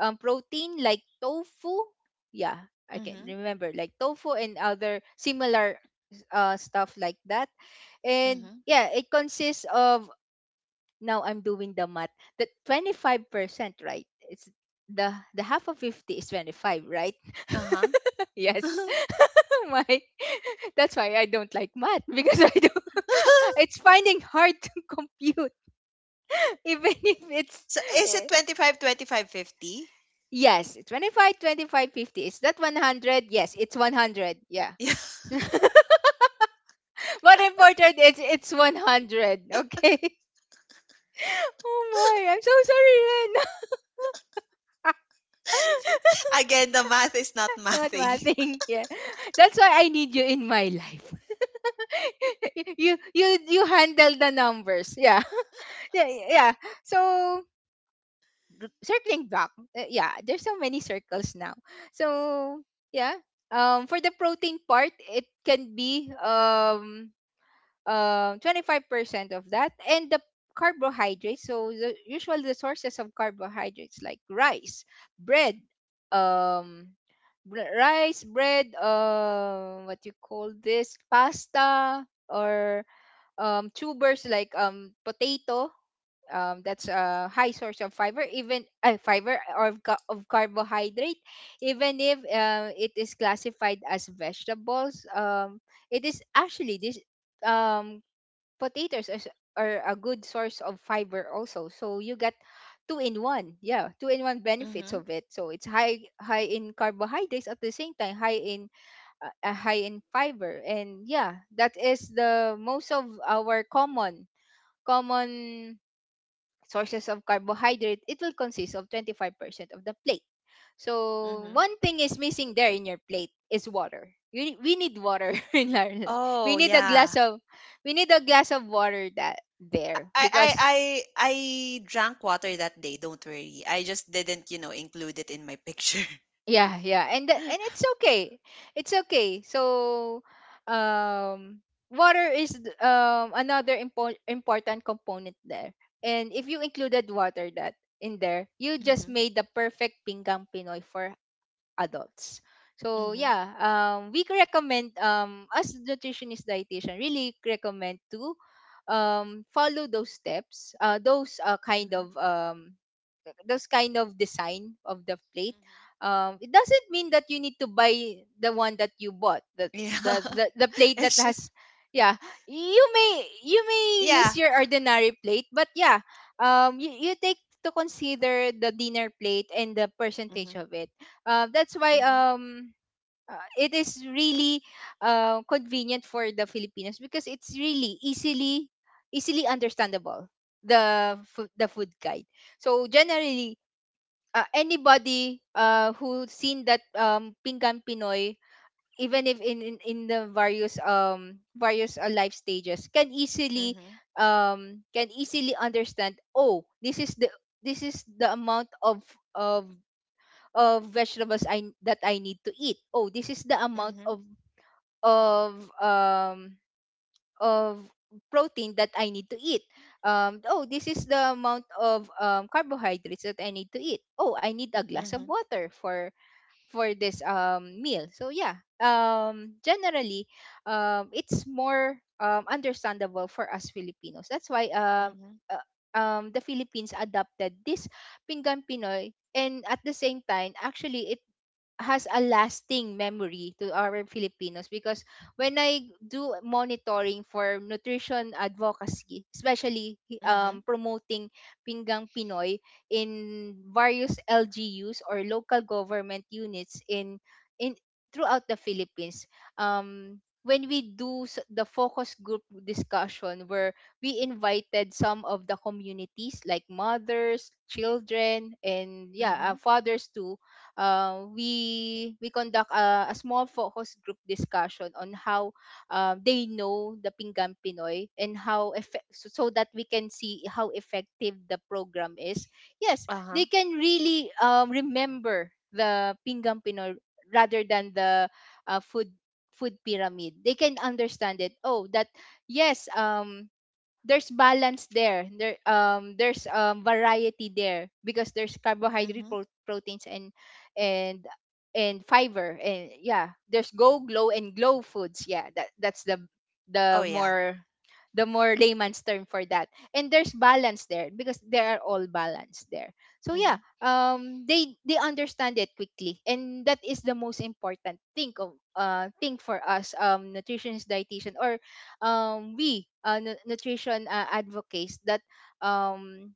B: um, protein like tofu, yeah. I can
A: Mm-hmm.
B: remember like tofu and other similar stuff like that. And
A: Mm-hmm.
B: yeah, it consists of, now I'm doing the math, the 25%, right? It's the half of 50 is 25, right?
A: Uh-huh.
B: Yes. Why? That's why I don't like math, because I don't, it's finding hard to compute, even if it's,
A: So is
B: eh,
A: it 25, 25, 50?
B: yes, 25, 25, 50. Is that 100? Yes, it's 100. Yeah.
A: 25.
B: What important is it's 100, okay? Oh my, I'm so sorry, Ren.
A: Again, the math is not
B: Not
A: mathing.
B: nothing. Yeah. That's why I need you in my life. You handle the numbers. Yeah. Yeah. So circling back, yeah, there's so many circles now. So, yeah. For the protein part, it can be 25% of that, and the carbohydrates. So the sources of carbohydrates like rice, bread, um rice, bread, what you call this, pasta, or tubers like potato. That's a high source of fiber, even fiber, or of, of carbohydrate. Even if it is classified as vegetables, it is actually this. Um, Potatoes is, are a good source of fiber also, so you get two in one, yeah, two in one
A: Mm-hmm.
B: benefits
A: Mm-hmm.
B: of it. So it's high, high in carbohydrates, at the same time high in high in fiber. And yeah, that is the most of our common sources of carbohydrate. It will consist of 25% of the plate. So
A: Mm-hmm.
B: one thing is missing there in your plate is water. We need water in our
A: Oh,
B: we need a
A: yeah.
B: glass of we need a glass of water that there,
A: I I
B: because
A: I I drank water that day, don't worry. I just didn't, you know, include it in my picture.
B: yeah, yeah. And it's okay, it's okay. So um water is another important component there. And if you included water that in there, you just
A: Mm-hmm.
B: made the perfect pinggang pinoy for adults. So
A: Mm-hmm.
B: yeah, we could recommend, as nutritionist dietitian, really recommend to follow those steps, those kind of
A: Mm-hmm.
B: those kind of design of the plate.
A: Hmm.
B: It doesn't mean that you need to buy the one that you bought
A: Yeah.
B: the plate
A: I
B: that
A: should-
B: has, yeah. You may, you may
A: yeah.
B: use your ordinary plate, but yeah, you, you take to consider the dinner plate and the percentage
A: Mm-hmm.
B: of it. That's why
A: Mm-hmm.
B: it is really convenient for the Filipinos, because it's really easily, easily understandable, the food guide. So generally, anybody who seen that Pinggan Pinoy, even if in the various life stages,
A: Mm-hmm.
B: can easily understand. Oh, this is the, this is the amount of of vegetables I that I need to eat. Oh, this is the amount
A: Mm-hmm.
B: of, of um of protein that I need to eat. Oh, this is the amount of carbohydrates that I need to eat. Oh, I need a glass of
A: Mm-hmm.
B: water for this meal. So yeah, generally, it's more understandable for us Filipinos. That's why
A: Mm-hmm.
B: the Philippines adopted this Pinggan Pinoy, and at the same time, actually, it has a lasting memory to our Filipinos, because when I do monitoring for nutrition advocacy, especially
A: Mm-hmm.
B: promoting Pinggang Pinoy in various LGUs, or local government units, in throughout the Philippines, um, when we do the focus group discussion, where we invited some of the communities like mothers, children, and, yeah,
A: Mm-hmm.
B: fathers too, we conduct a small focus group discussion on how they know the Pinggan Pinoy and how effect, so, so that we can see how effective the program is. Yes,
A: Uh-huh.
B: they can really remember the Pinggan Pinoy rather than the uh, food food pyramid. They can understand it. Oh, that, yes. There's balance there. There, there's variety there, because there's carbohydrate,
A: Hmm.
B: proteins and and fiber and, yeah, there's go glow and glow foods. Yeah, that, that's the
A: Oh
B: the
A: yeah.
B: more, the more layman's term for that. And there's balance there because they are all balanced there. So yeah,
A: Mm-hmm.
B: they understand it quickly, and that is the most important thing of thing for us nutritionist dietitian, or we nu- nutrition advocates, that um,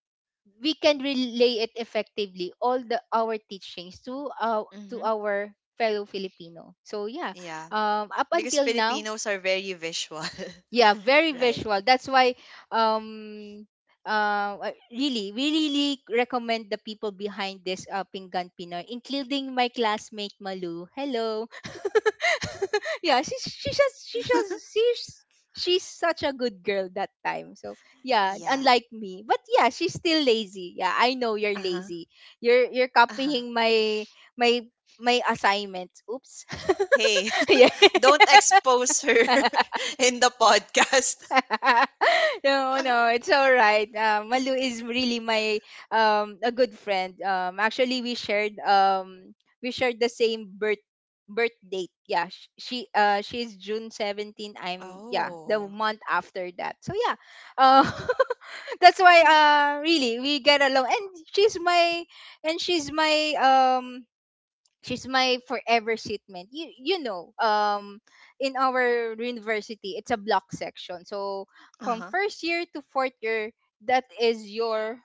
B: we can relay it effectively all the our teachings to
A: Mm-hmm.
B: our fellow Filipino. So yeah,
A: Yeah.
B: up
A: Because
B: until now,
A: Filipinos are very visual,
B: yeah, very
A: right?
B: visual, that's why, um really we really recommend the people behind this pinggan pinoy, including my classmate Malu, hello. Yeah, she's she's such a good girl that time, so yeah,
A: Yeah.
B: unlike me. But yeah, she's still lazy. Yeah, I know you're
A: Uh-huh.
B: lazy. You're
A: Uh-huh.
B: copying my, my, my assignments, oops.
A: Hey.
B: Yeah.
A: Don't expose her in the podcast.
B: No, no, it's all right. Malu is really my a good friend. Actually, we shared the same birth date. Yeah, she's June 17th, I'm yeah the
A: Oh.
B: month after that. So yeah, uh, that's why really we get along. And she's my, and she's my um she's my forever shipment. You know, in our university, it's a block section. So from
A: Uh-huh.
B: first year to fourth year, that is your,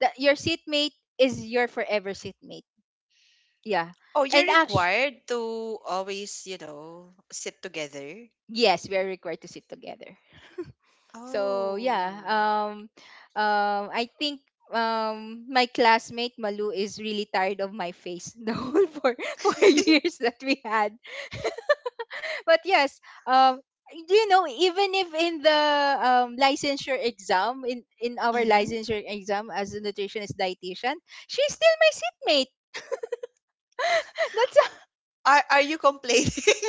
B: that your seatmate is your forever seatmate. Yeah,
A: Oh, you're
B: and actually,
A: required to always, you know, sit together.
B: yes, we are required to sit together. So yeah,
A: Oh.
B: I think my classmate Malu is really tired of my face the whole four years that we had. But yes, um, do you know, even if in the licensure exam, in our
A: Mm-hmm.
B: licensure exam as a nutritionist dietitian, she's still my seatmate. That's a-
A: Are you complaining?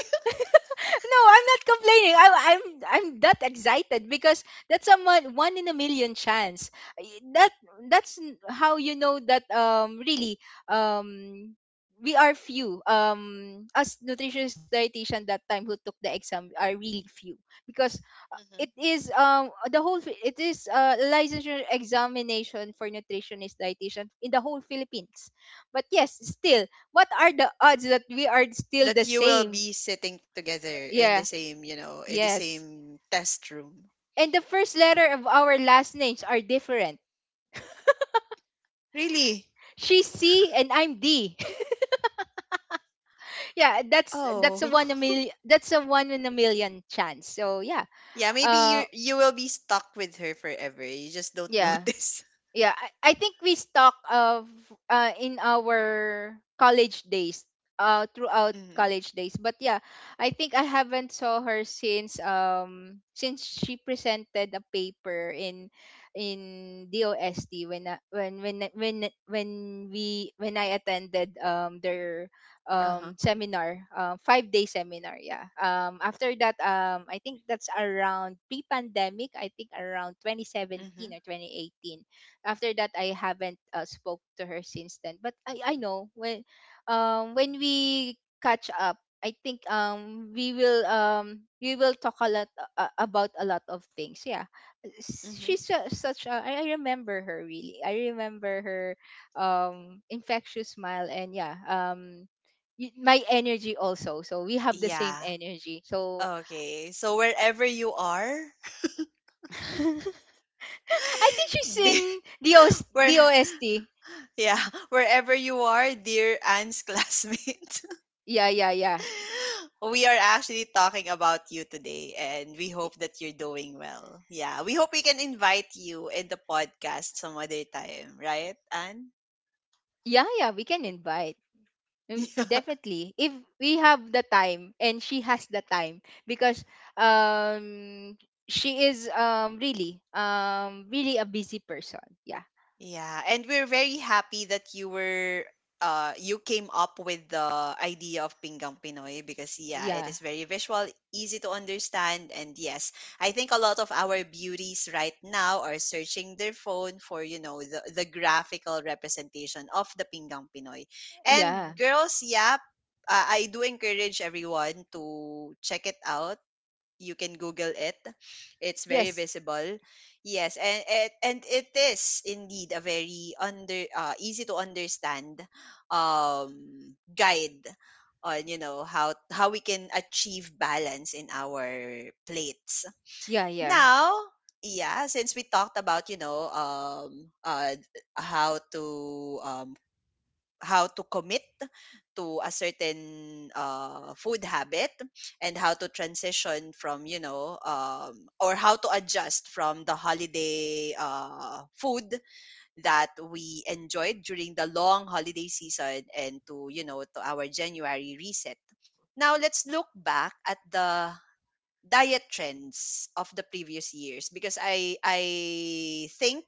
B: No, I'm not complaining. I'm that excited, because that's a one in a million chance. That, that's how you know that really um we are few as nutritionist dietitian that time who took the exam, are really few, because
A: Mhm.
B: it is it is a licensure examination for nutritionist dietitian in the whole Philippines. But yes, still, what are the odds that we are still the
A: That you will
B: same?
A: be sitting together in the
B: Yeah,
A: same, you know, in the
B: yes.
A: same test room.
B: And the first letter of our last names are different.
A: Really?
B: She's C and I'm D. Yeah, that's a
A: Oh.
B: one in a million that's a one in a million chance. So yeah.
A: Yeah, maybe
B: Uh
A: you you will be stuck with her forever. You just don't
B: yeah.
A: notice.
B: Yeah, I think we stock of in our college days, throughout
A: Mhm.
B: college days. But yeah, I think I haven't saw her since she presented a paper in DOST when I- when we when I attended their
A: Uh-huh.
B: seminar, 5 day seminar. Yeah. After that, I think that's around pre pandemic. I think around
A: Mhm.
B: 2017 or 2018. After that I haven't spoke to her since then. But I know when we catch up, I think we will talk a lot about a lot of things. Yeah, S-
A: Mhm.
B: she's su- such a, I remember her really. I remember her infectious smile and yeah my energy also. So we have the same
A: Yeah.
B: energy. So
A: Okay. So wherever you are,
B: I think she's
A: dear,
B: in the OS-
A: where
B: the OST.
A: yeah, wherever you are, dear Anne's classmate.
B: Yeah, yeah, yeah.
A: We are actually talking about you today, and we hope that you're doing well. Yeah, we hope we can invite you in the podcast some other time, right, Anne?
B: Yeah, yeah, we can invite. Mm, definitely. If we have the time and she has the time because um she is really a busy person. Yeah.
A: Yeah, and we're very happy that you were you came up with the idea of Pinggang Pinoy because yeah, it
B: Yeah.
A: is very visual, easy to understand, and yes, I think a lot of our beauties right now are searching their phone for, you know, the graphical representation of the Pinggang Pinoy. And
B: Yeah.
A: girls, yeah, I do encourage everyone to check it out. You can google it. It's very
B: Yes.
A: visible. Yes, and it is indeed a very under easy to understand um guide on you know how we can achieve balance in our plates
B: Yeah, yeah.
A: now. Yeah, since we talked about you know how to um how to commit to a certain food habit and how to transition from you know or how to adjust from the holiday food that we enjoyed during the long holiday season and to you know to our january reset. Now let's look back at the diet trends of the previous years because i think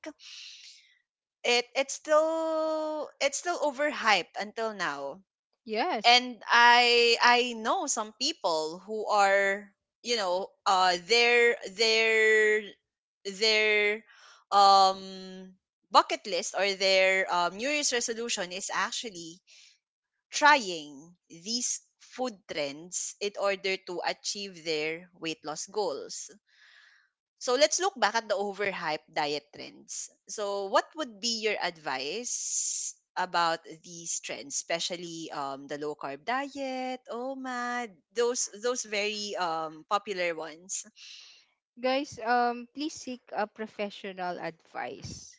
A: it's still overhyped until now.
B: Yes.
A: And I know some people who are you know their um bucket list or their New Year's resolution is actually trying these food trends in order to achieve their weight loss goals. So let's look back at the overhyped diet trends. So what would be your advice about these trends, especially the low carb diet? Oh my, those very popular ones.
B: Guys, please seek a professional advice.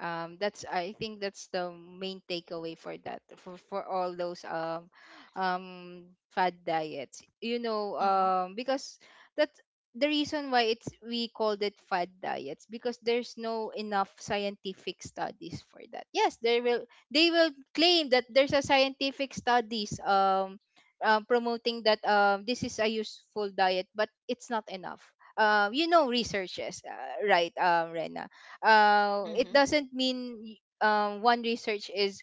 B: That's I think that's the main takeaway for for all those fad diets. You know,
A: Mhm.
B: because that's the reason why it's we called it fad diets because there's no enough scientific studies for that. Yes, they will claim that there's a scientific studies promoting that this is a useful diet, but it's not enough you know researches right Rena, it
A: Mhm.
B: doesn't mean one research is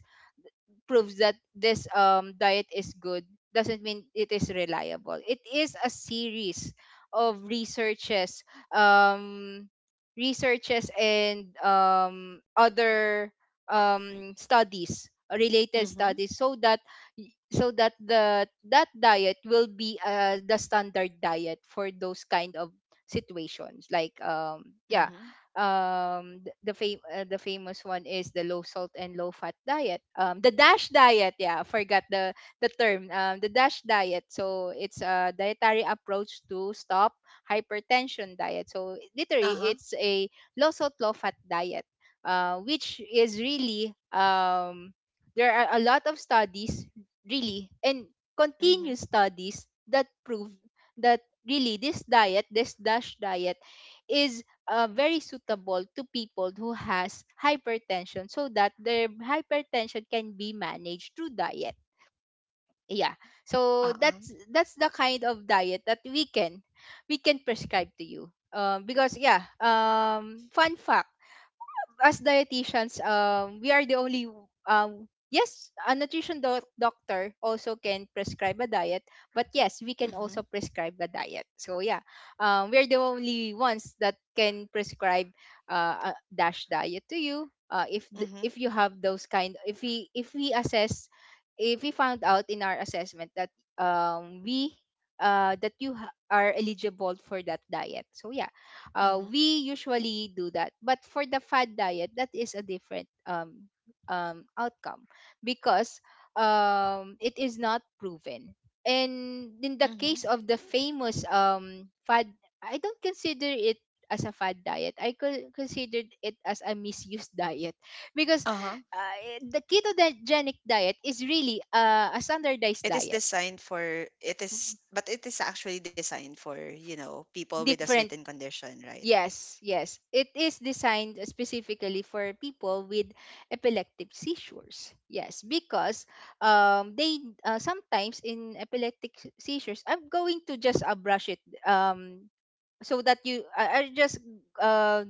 B: proves that this diet is good doesn't mean it is reliable. It is a series of researches, um, researches and other studies, related
A: Mhm.
B: studies, so that so that the that diet will be the standard diet for those kind of situations like yeah.
A: Mhm.
B: The famous one is the low salt and low fat diet, the dash diet. Yeah, I forgot the term, the dash diet. So it's a dietary approach to stop hypertension diet. So literally
A: Uh-huh.
B: it's a low salt low fat diet, which is really there are a lot of studies really and
A: Mhm.
B: continuous studies that prove that really this dash diet is very suitable to people who has hypertension so that their hypertension can be managed through diet, yeah. So
A: Uh-uh.
B: that's the kind of diet that we can prescribe to you, because yeah, fun fact, as dietitians, we are the only yes, a nutrition doctor also can prescribe a diet, but yes, we can
A: Mhm.
B: also prescribe a diet. So yeah, we're the only ones that can prescribe a dash diet to you. If
A: Mhm.
B: if you have those kind, if we assess, if we found out in our assessment that we that you are eligible for that diet. So yeah,
A: Mhm.
B: we usually do that. But for the fad diet, that is a different outcome because it is not proven. And in the case
A: Mhm.
B: of the famous fad, I don't consider it as a fad diet. I considered it as a misused diet because
A: Uh-huh.
B: uh, the ketogenic diet is really a standardized
A: It is
B: diet
A: designed for it is actually designed for, you know, people with a
B: different.
A: certain condition, right?
B: Yes, yes. It is designed specifically for people with epileptic seizures. Yes, because they sometimes in epileptic seizures, I'm going to just brush it, so that I just uh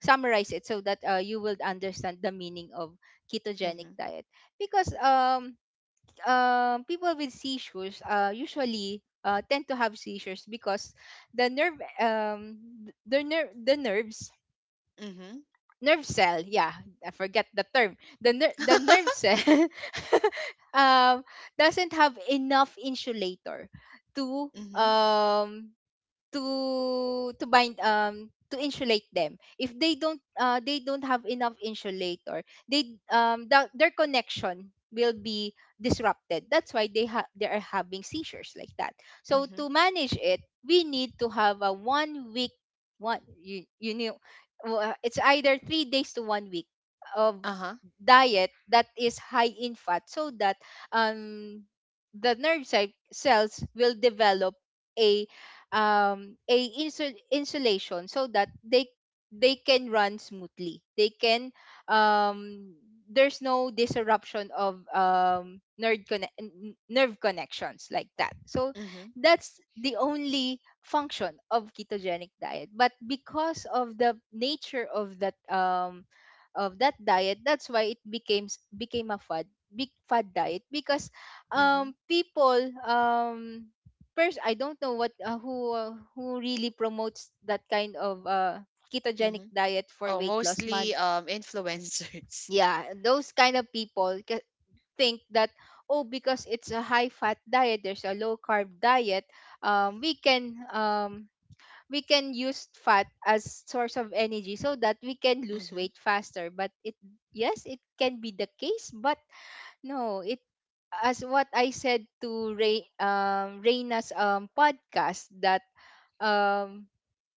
B: summarize it so that you will understand the meaning of ketogenic
A: Mhm.
B: diet because people with seizures usually tend to have seizures because the nerve, th- the nerve the nerves
A: Mhm.
B: nerve cell, yeah. I forget the term, the nerve cell um doesn't have enough insulator to
A: Mhm.
B: um to bind, to insulate them. If they don't they don't have enough insulator, they their connection will be disrupted. That's why they are having seizures like that. So
A: Mhm.
B: to manage it we need to have a 1 week, one you you know it's either 3 days to 1 week of
A: Uh-huh.
B: diet that is high in fat so that um the nerve cells will develop a insulation so that they can run smoothly. They can um, there's no disruption of nerd nerve connections like that. So
A: Mhm.
B: that's the only function of ketogenic diet. But because of the nature of that diet, that's why it became a fad, big fad diet because
A: Mhm.
B: people, first I don't know what, who really promotes that kind of ketogenic
A: Mhm.
B: diet for
A: Oh,
B: weight loss,
A: mostly
B: man.
A: influencers.
B: Yeah, those kind of people think that oh because it's a high fat diet, there's a low carb diet, um we can um we can use fat as source of energy so that we can lose
A: Mhm.
B: weight faster but it, yes it can be the case, but no it, as what I said to Ray, Reina's podcast that um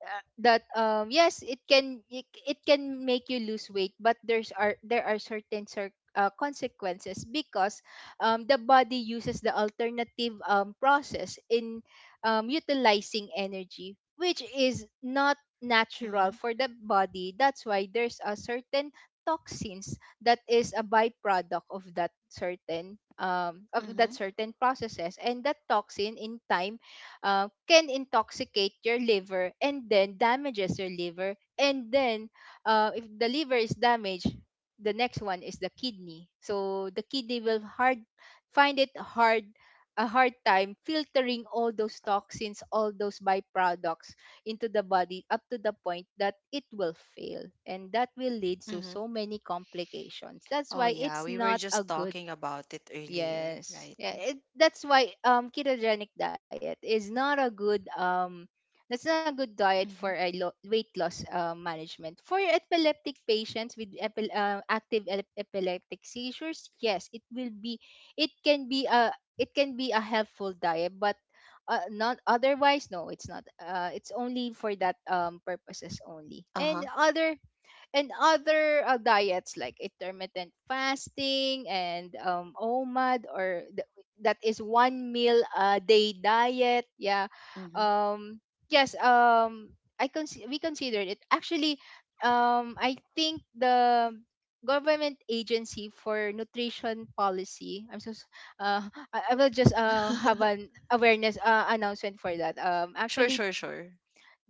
B: that yes it can, it can make you lose weight but there are certain consequences because the body uses the alternative process in utilizing energy which is not natural
A: Mhm.
B: for the body. That's why there's a certain toxins that is a byproduct of that
A: Mhm.
B: certain processes and that toxin in time can intoxicate your liver and then damages your liver and then if the liver is damaged the next one is the kidney. So the kidney will hard find it hard, a hard time filtering all those toxins, all those byproducts into the body up to the point that it will fail and that will lead to
A: Mhm.
B: so many complications. That's
A: Oh
B: why
A: yeah,
B: it's
A: we were
B: not a
A: just
B: good.
A: talking about it earlier,
B: Yes.
A: right?
B: Yeah, it, that's why ketogenic diet is not a good that's not a good diet for a
A: Mm-hmm.
B: weight loss management. For epileptic patients with active epileptic seizures, yes, it will be, it can be a, it can be a helpful diet, but not otherwise, no, it's not. It's only for that purposes only. And
A: Uh-huh.
B: other, and other diets like intermittent fasting and, OMAD, or that is one meal a day diet. Yeah.
A: Mm-hmm.
B: Um, yes. We considered it actually. I think the government agency for nutrition policy. I'm so uh, I will just have an awareness announcement for that.
A: Sure,
B: Actually,
A: sure, sure.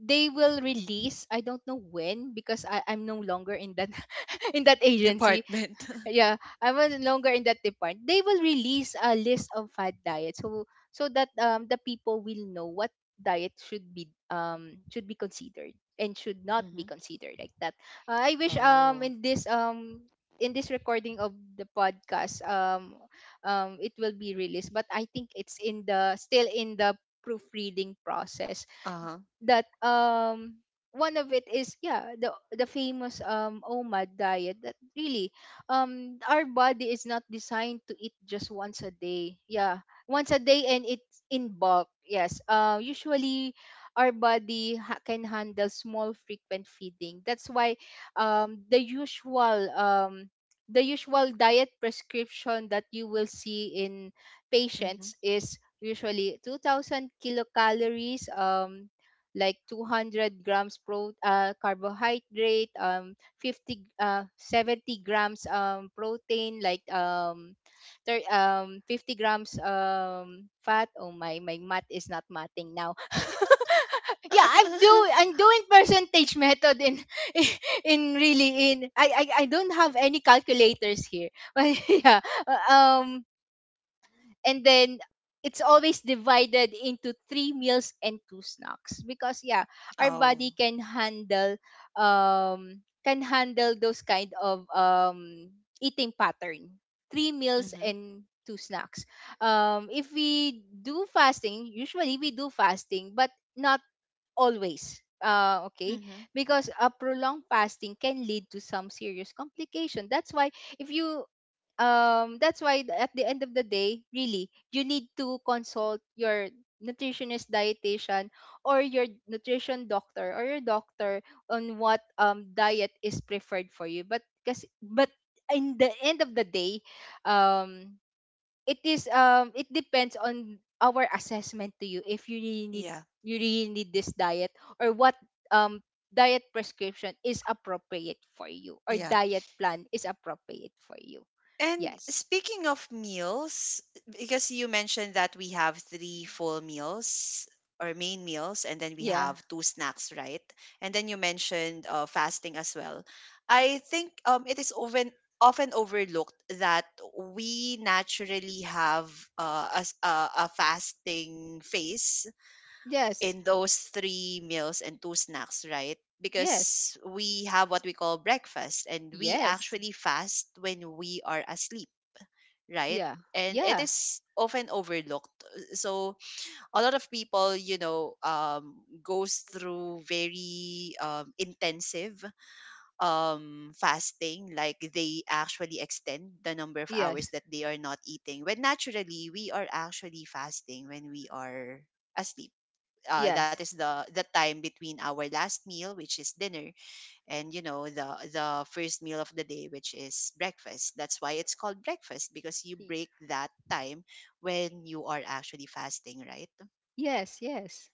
B: they will release, I don't know when, because I'm no longer in that in that agency.
A: Department.
B: Yeah, I was longer in that department. They will release a list of fad diets so so that the people will know what diet should be, should be considered and should not be
A: Mm-hmm.
B: considered like that. I wish
A: Oh.
B: in this recording of the podcast, it will be released, but I think it's in the, still in the proofreading process
A: Uh-huh.
B: that one of it is, yeah, the famous OMAD diet that really, our body is not designed to eat just once a day. Yeah, once a day, and it's in bulk. Yes, usually our body can handle small frequent feeding. That's why um the usual um the usual diet prescription that you will see in
A: Mm-hmm.
B: patients is usually 2,000 kilocalories, like 200 grams pro carbohydrate, 50 70 grams protein, like 50 grams fat. Oh my, my math is not matting now. Yeah, I'm doing percentage method in in really, I don't have any calculators here. But yeah, and then it's always divided into three meals and two snacks because yeah, our
A: Oh.
B: body can handle, can handle those kind of eating pattern, three meals
A: Mm-hmm.
B: and two snacks. If we do fasting, usually we do fasting but not always, okay,
A: Mm-hmm.
B: because a prolonged fasting can lead to some serious complication. That's why if you that's why at the end of the day really you need to consult your nutritionist dietitian or your nutrition doctor or your doctor on what diet is preferred for you. But because but in the end of the day, um it is, it depends on our assessment to you if you really need,
A: Yeah.
B: you really need this diet or what um diet prescription is appropriate for you, or
A: Yeah.
B: diet plan is appropriate for you.
A: And
B: Yes.
A: speaking of meals, because you mentioned that we have three full meals or main meals, and then we
B: Yeah.
A: have two snacks, right? And then you mentioned fasting as well. I think it is often often overlooked that we naturally have a, s- a fasting phase
B: Yes,
A: in those three meals and two snacks, right?
B: yes,
A: Because we have what we call breakfast, and we
B: yes.
A: actually fast when we are asleep, right?
B: Yeah,
A: And it
B: yeah.
A: is often overlooked. So a lot of people, you know, goes through very intensive fasting. Like they actually extend the number of hours
B: Yes,
A: that they are not eating. When naturally we are actually fasting when we are asleep. That
B: yes.
A: is the time between our last meal, which is dinner, and you know the first meal of the day which is breakfast. That's why it's called breakfast, because you break that time when you are actually fasting, right?
B: Yes, yes.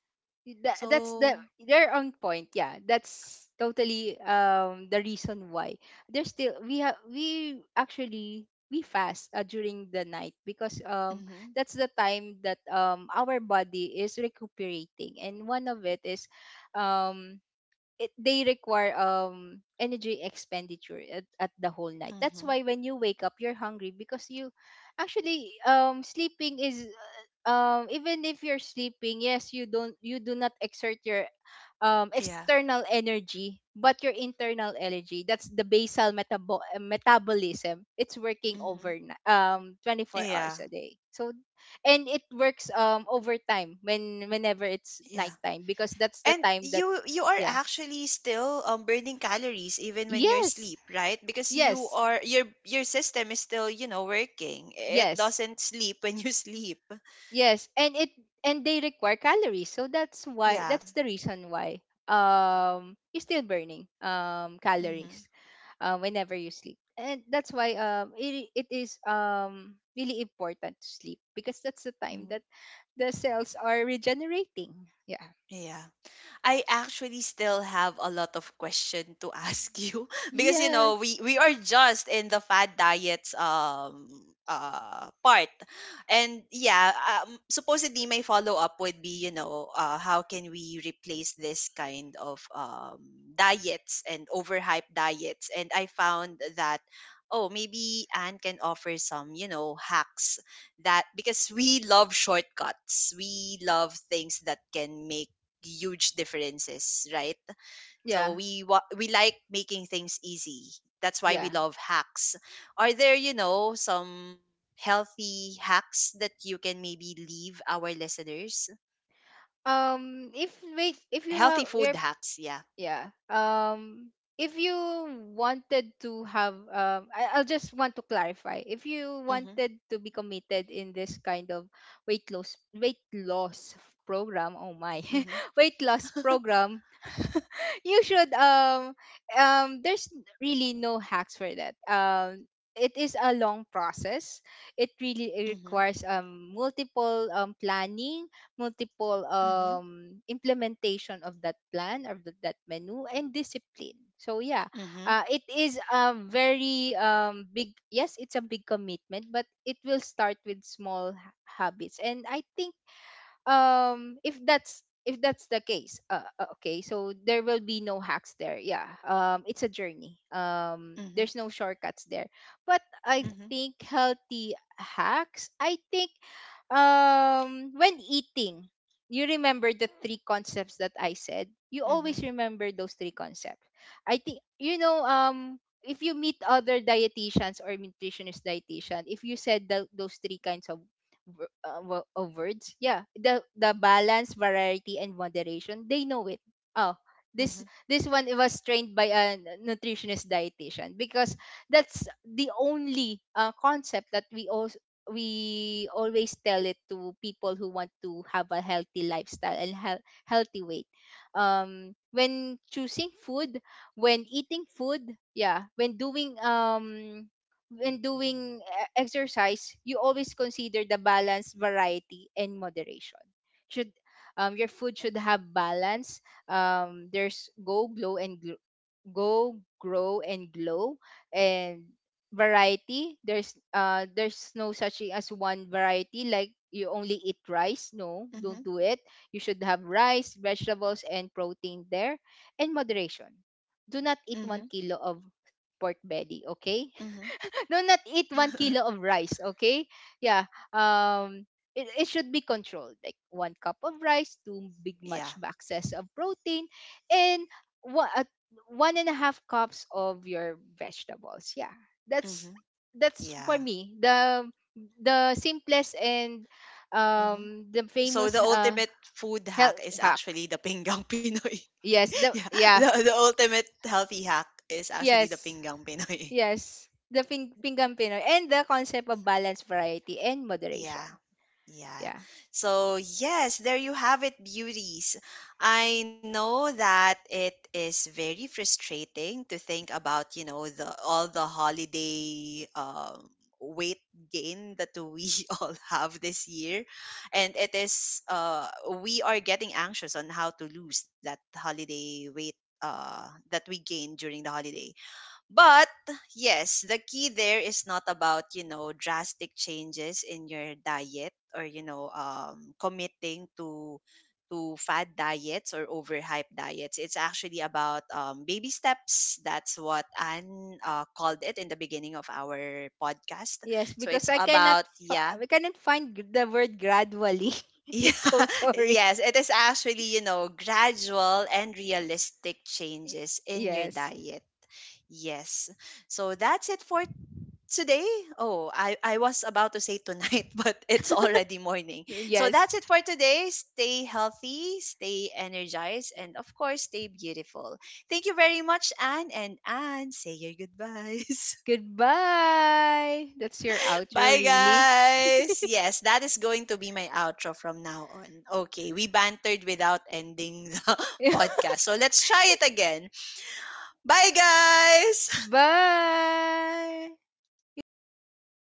B: That's the,
A: So
B: they're on point. Yeah, that's totally the reason why there's still we have we actually we fast during the night, because
A: mm-hmm,
B: that's the time that our body is recuperating, and one of it is um it they require energy expenditure at the whole night. That's
A: mm-hmm,
B: why when you wake up you're hungry, because you actually sleeping is even if you're sleeping, yes, you do not exert your
A: yeah,
B: external energy, but your internal energy. That's the basal metabolism. It's working
A: mm-hmm,
B: over 24 hours
A: yeah,
B: a day. So, and it works over time, whenever it's
A: yeah,
B: nighttime, because that's the
A: and
B: time that.
A: you are
B: Yeah,
A: actually still burning calories even when you're
B: yes,
A: asleep, right? Because you
B: yes,
A: are your system is still you know working. It
B: yes,
A: doesn't sleep when you sleep.
B: yes, and they require calories, so
A: Yeah.
B: that's the reason why you're still burning
A: Mm-hmm.
B: calories whenever you sleep, and that's why it is really important to sleep, because that's the time
A: Mm-hmm.
B: that the cells are regenerating. Yeah.
A: Yeah. I actually still have a lot of question to ask you because you know
B: Yes.
A: we are just in the fad diets part. And yeah, supposedly my follow up would be you know how can we replace this kind of diets and overhyped diets. And I found that oh maybe Anne can offer some you know hacks that because we love shortcuts, we love things that can make huge differences, right? So
B: Yeah.
A: we like making things easy. That's why we
B: Yeah.
A: love hacks. Are there, you know, some healthy hacks that you can maybe leave our listeners?
B: If wait, if you
A: Healthy
B: have
A: food
B: your
A: hacks, yeah.
B: Yeah, if you wanted to have I'll just want to clarify, if you
A: Mhm.
B: wanted to be committed in this kind of weight loss program. Oh my,
A: Mhm.
B: weight loss program. you should there's really no hacks for that. It is a long process. It really
A: Mhm.
B: requires multiple planning, multiple
A: Mhm.
B: implementation of that plan or that menu, and discipline. So, yeah,
A: Mhm.
B: it is a very big. Yes, it's a big commitment, but it will start with small habits, and I think if that's the case. Okay, so there will be no hacks there. Yeah, it's a journey. There's no shortcuts there, but I
A: Mhm.
B: think healthy hacks, I think, when eating, you remember the three concepts that I said. You always
A: Mhm.
B: remember those three concepts. I think, if you meet other dietitians or nutritionist dietitian, if you said those three kinds of of words, yeah, the balance, variety, and moderation, they know it. Oh, this
A: Mhm.
B: this one, it was trained by a nutritionist dietitian, because that's the only concept that we always tell it to people who want to have a healthy lifestyle and healthy weight. When choosing food, when eating food, yeah, when doing exercise, you always consider the balance, variety, and moderation. Should Your food should have balance. There's go, grow, and glow, and variety. There's no such thing as one variety, like you only eat rice. No,
A: Mhm.
B: don't
A: Mhm.
B: do it. You should have rice, vegetables, and protein there, and moderation. Do not eat one
A: Mhm.
B: kilo of pork belly, okay?
A: Mhm.
B: No, not eat 1 kilo of rice, okay? Yeah. um it should be controlled, like one cup of rice, two big
A: Yeah.
B: much boxes of protein, and one, uh, one and a half cups of your vegetables. Yeah, that's
A: Mhm.
B: that's for
A: Yeah.
B: me the simplest, and
A: Mm-hmm.
B: the
A: So
B: famous
A: the ultimate food hack
B: health
A: is
B: hack.
A: actually the pinggang Pinoy.
B: Yes, the
A: Yeah,
B: yeah,
A: the ultimate healthy hack is actually
B: yes,
A: the pinggang Pinoy.
B: yes, the pinggan pinoy, and the concept of balanced variety and
A: Yeah.
B: moderation.
A: Yeah.
B: Yeah.
A: So, yes, there you have it, beauties. I know that it is very frustrating to think about, you know, the all the holiday weight gain that we all have this year. And it is we are getting anxious on how to lose that holiday weight uh that we gain during the holiday. But yes, the key there is not about, you know, drastic changes in your diet or, you know, committing to fad diets or overhyped diets. It's actually about baby steps. That's what Anne called it in the beginning of our podcast.
B: Yes,
A: So
B: because
A: it's
B: I cannot
A: about,
B: fi-
A: yeah,
B: we cannot find the word gradually.
A: yeah,
B: So, sorry.
A: yes, it is actually, you know, gradual and realistic changes in your
B: Yes.
A: diet. Yes. So that's it for Today? Oh, I was about to say tonight, but it's already morning.
B: So,
A: So
B: yes.
A: that's it for today. Stay healthy, stay energized, and of course, stay beautiful. Thank you very much, Anne. And Anne, say your goodbyes.
B: Goodbye. That's your outro
A: Bye,
B: really.
A: guys. Yes, that is going to be my outro from now on. Okay, we bantered without ending the podcast. So let's try it again. Bye, guys.
B: Bye. You know I'm waving my